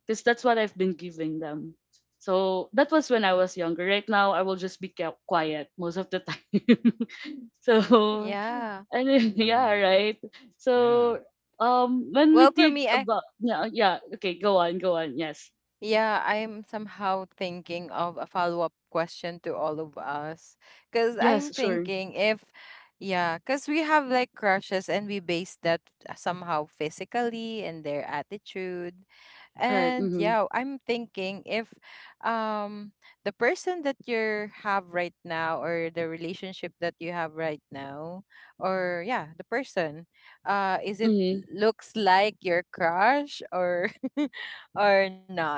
Because that's what I've been giving them. So that was when I was younger. Right now, I will just be quiet most of the time. [LAUGHS] So
Yeah.
and then, [LAUGHS] yeah,
Mm,
right.
yeah.
So when
Well,
we
for me,
think
I,
about, yeah, yeah, okay, go on, go on. Yes.
yeah, I'm somehow thinking of a follow-up question to all of us. Because I'm
Yes, sure.
thinking if, yeah, because we have like crushes and we base that somehow physically and their attitude.
Right.
And
Mm-hmm.
yeah, I'm thinking if um the person that you have right now or the relationship that you have right now, or yeah, the person, is it
Mm-hmm.
looks like your crush? Or [LAUGHS] Or not?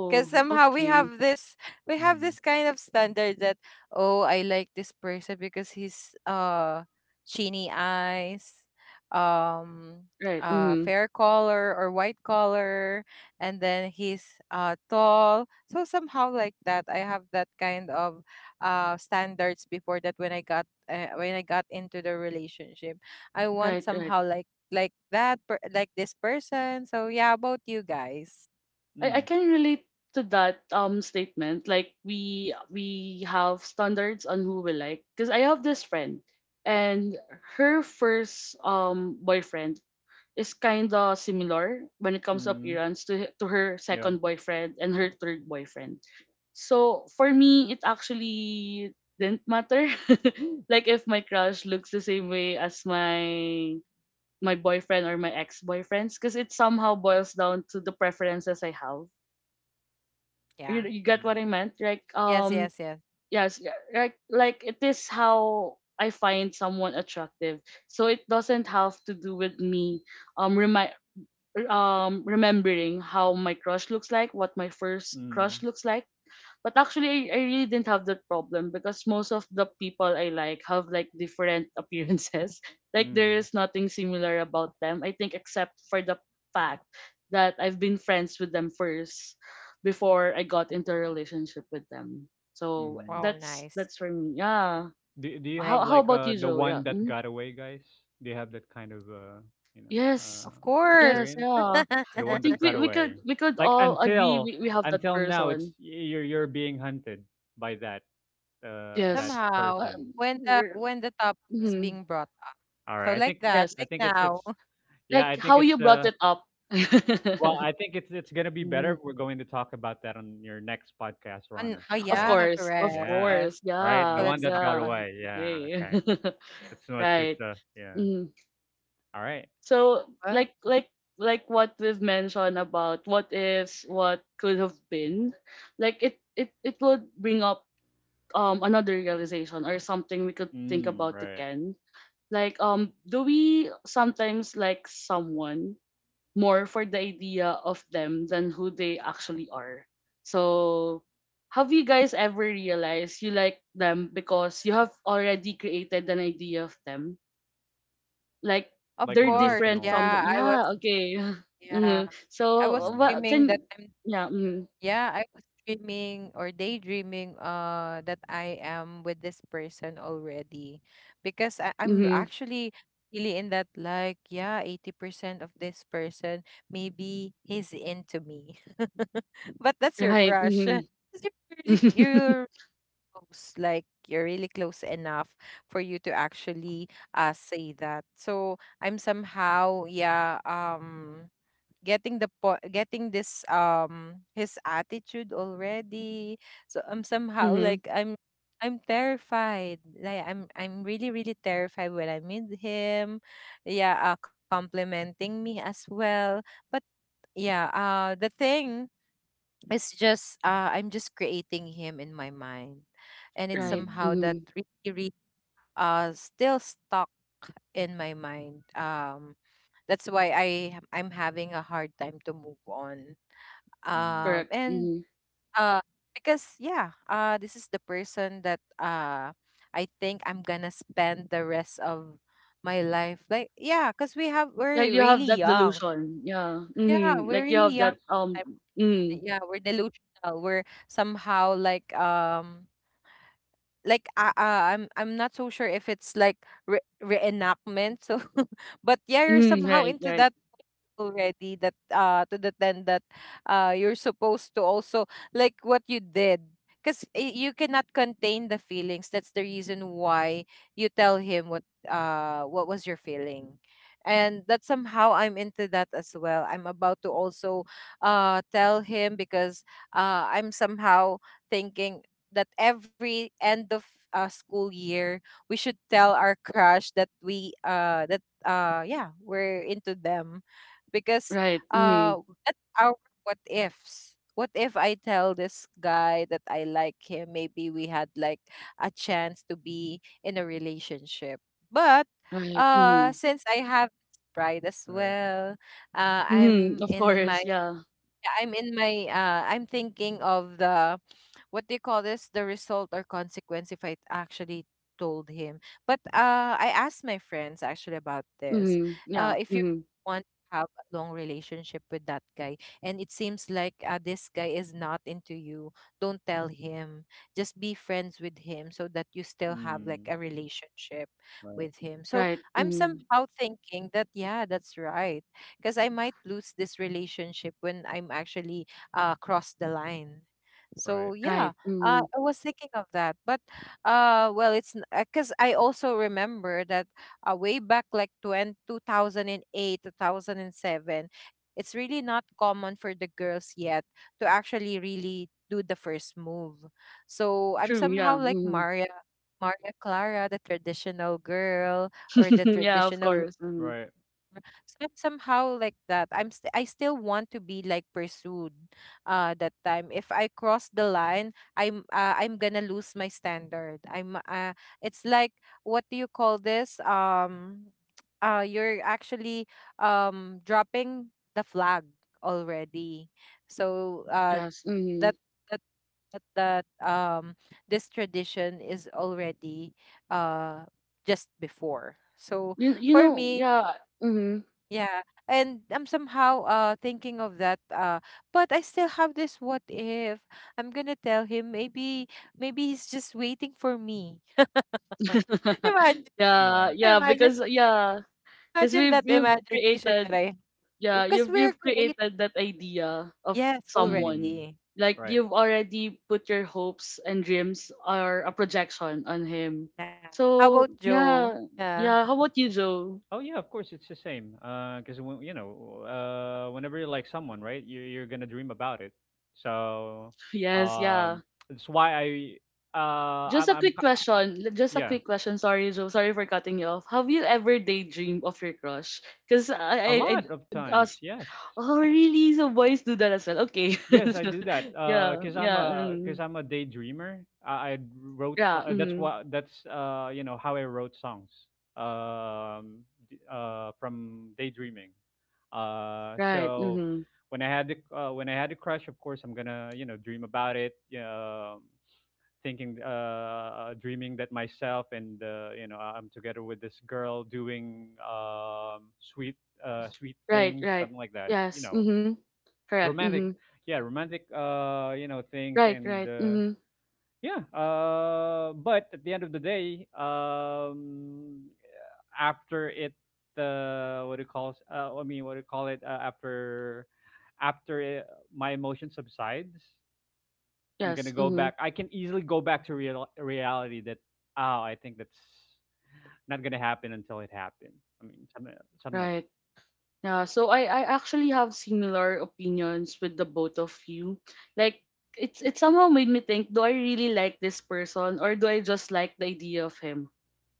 Because somehow we
okay.
have this, we have this
Mm.
kind of standard that, oh I like this person because he's chiny eyes, um
Right. Mm-hmm.
fair color or white color, and then he's tall. So somehow like that, I have that kind of standards before, that when I got when I got into the relationship, I want
Right, right.
somehow like that like this person. So yeah, about you guys?
I
Mm,
can relate to that statement. Like we have standards on who we like. Because I have this friend, and her first boyfriend is kind of similar when it comes to
mm,
appearance to to her
yeah.
second boyfriend and her third boyfriend. So for me, it actually didn't matter. [LAUGHS] Like if my crush looks the same way as my boyfriend or my ex-boyfriends, because it somehow boils down to the preferences I have.
Yeah.
You get what
Mm,
I meant? Like
Yes, yes, yes.
yes, like it is how I find someone attractive. So it doesn't have to do with me um remi- remembering how my crush looks like, what my first crush
mm,
looks like. But actually, I really didn't have that problem because most of the people I like have like different appearances. [LAUGHS] Like there
mm,
is nothing similar about them. I think except for the fact that I've been friends with them first before I got into a relationship with them. So
Wow,
mm.
nice.
that's for me. Yeah.
Do you
Nice.
have
How
like
about you,
the
Joe?
one
Yeah.
that
Mm-hmm.
got away, guys? Do you have that kind of you know
Yes.
Of
uh
course.
Yes,
experience?
yeah.
The
I
one
[LAUGHS]
that
think
got
we
away.
could
Like
all agree
until
we have that
now it's
person.
you're being hunted by that that
Yes.
Somehow,
person.
Um,
when the
r-
when the topic is
mhm.
being brought up.
All
So
right. I
like
think
that,
Yes.
I
like
think it's
now. [LAUGHS]
yeah, I
Like
think
how you
it's
brought it up.
well,
[LAUGHS]
I think it's gonna be better
Mm.
if we're going to talk about that on your next podcast,
On,
Rana.
oh
Of
Right?
yeah,
course. Of
correct.
Yeah.
course.
Yes.
Right?
So
The
Yeah.
one
let's
that
talk
got
Yeah.
about it.
away. Yeah,
Okay.
okay.
[LAUGHS]
That's so much, it's
Right.
yeah.
Mm.
All right.
So
Well,
like what we've mentioned about what ifs, what could have been, like it would bring up another realization or something we could think
Mm,
about
right.
again. Like do we sometimes like someone more for the idea of them than who they actually are? So have you guys ever realized you like them because you have already created an idea of them? Like
of
Like a
they're
course.
different from the,
delusional
Yeah, I was,
yeah, okay. [LAUGHS]
yeah.
Mm.
I was
So
mm,
what
dreaming
can,
that I'm,
yeah,
yeah, I was dreaming or daydreaming that I am with this person already because I'm
mm-hmm.
actually really in that, like yeah, 80% of this person maybe he's into me. [LAUGHS] But that's your
Right,
crush. [LAUGHS] 'Cause you're really,
mm-hmm. [LAUGHS]
you're close, like you're really close enough for you to actually say that. So I'm somehow, yeah, getting the getting this his attitude already. So i'm somehow
Mm-hmm.
like i'm I'm terrified, like I'm really really terrified when I meet him, yeah, complimenting me as well. But yeah, the thing is just I'm just creating him in my mind, and it's
Right,
mm,
somehow
mm-hmm.
that really really still stuck in my mind. That's why I, I'm having a hard time to move on.
mm,
Correct.
And
Mhm.
uh because yeah, this is the person that I think I'm gonna spend the rest of my life, like, yeah, because
Like
we're
you have
really
that
young.
delusion. Yeah.
Yeah,
Mhm.
we're
Like you
really
have
young
that,
yes.
at the time.
mm.
Yeah, we're delusional. We're somehow like, like uh, uh, I'm not so sure if it's like reenactment. So [LAUGHS] but yeah, you're
Mm,
somehow
right,
into
right.
that already, that to the, then that you're supposed to also like what you did, because you cannot contain the feelings. That's the reason why you tell him what, what was your feeling. And that somehow I'm into that as well. I'm about to also tell him because I'm somehow thinking that every end of school year we should tell our crush that we that yeah, we're into them. Because
Right. Mm.
uh that's our what ifs. What if I tell this guy that I like him? Maybe we had like a chance to be in a relationship. But
Right. Mm.
since I have this pride as
Right.
well, uh
Mm.
I'm
Of
in my
course, yeah.
I'm thinking of the, what do you call this, the result or consequence if I actually told him. But I asked my friends actually about this,
Mm. Yeah.
if you
Mm.
want to have a long relationship with that guy, and it seems like, this guy is not into you, don't tell him, just be friends with him so that you still have like
Mm,
a relationship
right.
with him. So
Right.
I'm
Mm.
somehow thinking that yeah, that's right, because I might lose this relationship when I'm actually cross the line. So
Right.
yeah,
Right. Mm.
I was thinking of that. But well, it's because I also remember that way back like 20, 2008, 2007, it's really not common for the girls yet to actually really do the first move. So I'm
True, yeah.
somehow like
Mm.
Maria, Maria Clara, the traditional girl, or
[LAUGHS]
the
Yeah, of
traditional,
course. Mm.
Right.
somehow like that. I still want to be like pursued that time. If I cross the line, I'm gonna lose my standard. I'm It's like, what do you call this, [TSK] you're actually dropping the flag already. So
Yes.
that
Mm.
that that, that this tradition is already uh just before. So
You
for
know,
me,
yeah. Mm.
yeah, and I'm somehow thinking of that. But I still have this what if. I'm gonna tell him maybe, maybe he's just waiting for me. [LAUGHS]
[LAUGHS]
Imagine,
Yeah.
Yeah,
Right.
imagine
because yeah, because
imagine
we've
that imagination that
created,
I,
yeah,
because
you've
we're creating,
created that idea of
yes,
someone.
Mm,
already.
Like
right.
you've already put your hopes and dreams or a projection on him.
Yeah. How about
So
Joe?
yeah,
Yeah.
yeah. How about you, Joe?
Oh
[LAUGHS]
yeah, of course it's the same. Because when you know, whenever you like someone, right, you're gonna dream about it. So,
Yes,
um,
yeah.
it's why I,
Just a
I'm,
quick
ki- I-
question. Just a
yeah,
quick question. Sorry, Joe. Sorry for cutting you off. Have you ever daydreamed of your crush? Because
a
I
lot of times,
asked.
yes.
Oh, really? So boys do that as well. Okay.
Yes, I do that.
[LAUGHS] Yeah,
Cause
mm,
I'm a daydreamer. I wrote
yeah.
that's
Mm,
what that's you know how I wrote songs. Um, from daydreaming. Uh,
right.
so
Mhm.
when I had the crush, of course, I'm gonna, you know, dream about it. Yeah, thinking dreaming that myself and, you know, I'm together with this girl doing sweet sweet
Right,
things,
right.
something like that. You
Yes.
know
Mm-hmm. Correct. Mm-hmm.
romantic Yeah, romantic, you know, things,
Right,
and
right. Mm-hmm.
yeah, but at the end of the day, after it what do you call I mean what do you call it, after it, my emotion subsides. I'm gonna
Yes.
go
Mm-hmm.
back. I can easily go back to real reality that, oh, I think that's not gonna happen until it happened. I mean, something like
Right. Yeah. So I actually have similar opinions with the both of you. Like it somehow made me think, do I really like this person or do I just like the idea of him?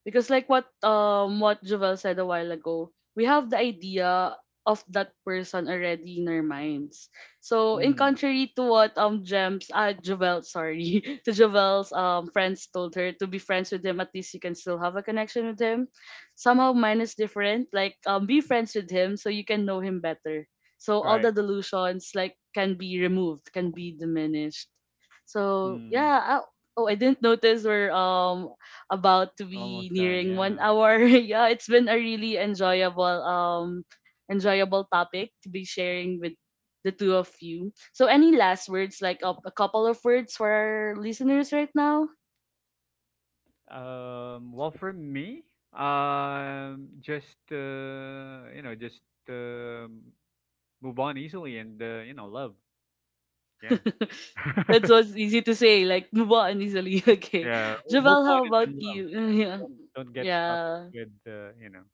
Because like what Jovel said a while ago, we have the idea of that person already in our minds. So in
mm,
contrary to what Gems Jovel, sorry, [LAUGHS] to Jovel's friends told her, to be friends with him, at least you can still have a connection with him. Somehow mine is different. Like be friends with him so you can know him better. So all the
right,
delusions like can be removed, can be diminished. So
mm,
yeah, oh, I didn't notice where about to be
almost done,
nearing one
yeah.
hour. [LAUGHS] Yeah, it's been a really enjoyable enjoyable topic to be sharing with the two of you. So any last words, like a couple of words for our listeners right now?
Well, for me, just you know, just um move on easily and, you know, love. Yeah,
[LAUGHS]
[LAUGHS]
That's what's easy to say, like move on easily. [LAUGHS] Okay.
yeah. Move
Javel,
on
how
and
about
then love.
you? [LAUGHS]
Yeah,
Yeah.
don't, don't get stuck
Yeah.
with, uh, you know,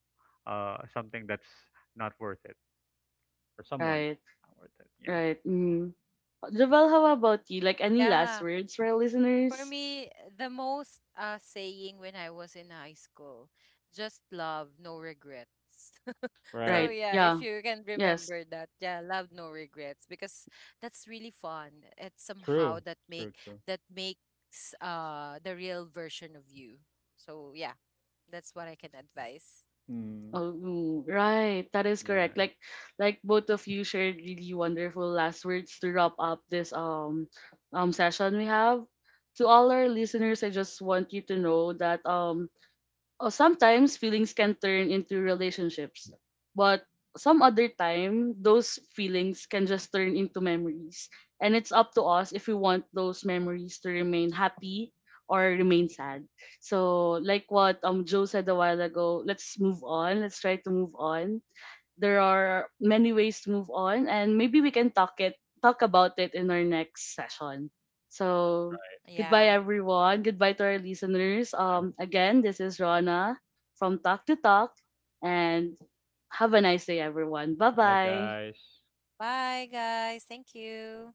uh, something that's not worth it, or someone
Right.
not worth it. Yeah.
Right. Mm. Javel, how about you? Like any
Yeah.
last words for our
For
listeners?
me, the most saying when I was in high school, just love, no regrets. [LAUGHS] So
Right.
Right.
yeah,
Yeah.
if you can
Yes.
remember that, yeah, love no regrets, because that's really fun. It's
True.
somehow that
True.
make,
True.
that makes the real version of you. So yeah, that's what I can advise.
Mm.
Oh, right. That is correct.
Yeah.
Like both of you shared really wonderful last words to wrap up this session we have. To all our listeners, I just want you to know that oh, sometimes feelings can turn into relationships, but some other time, those feelings can just turn into memories. And it's up to us if we want those memories to remain happy or remain sad. So, like what Joe said a while ago, let's move on. Let's try to move on. There are many ways to move on, and maybe we can talk about it in our next session. So goodbye
Yeah.
everyone, goodbye to our listeners,
All right.
again, this is Rana from Talk to Talk, and have a nice day everyone. Bye
Bye,
bye.
guys.
Bye guys. Thank you.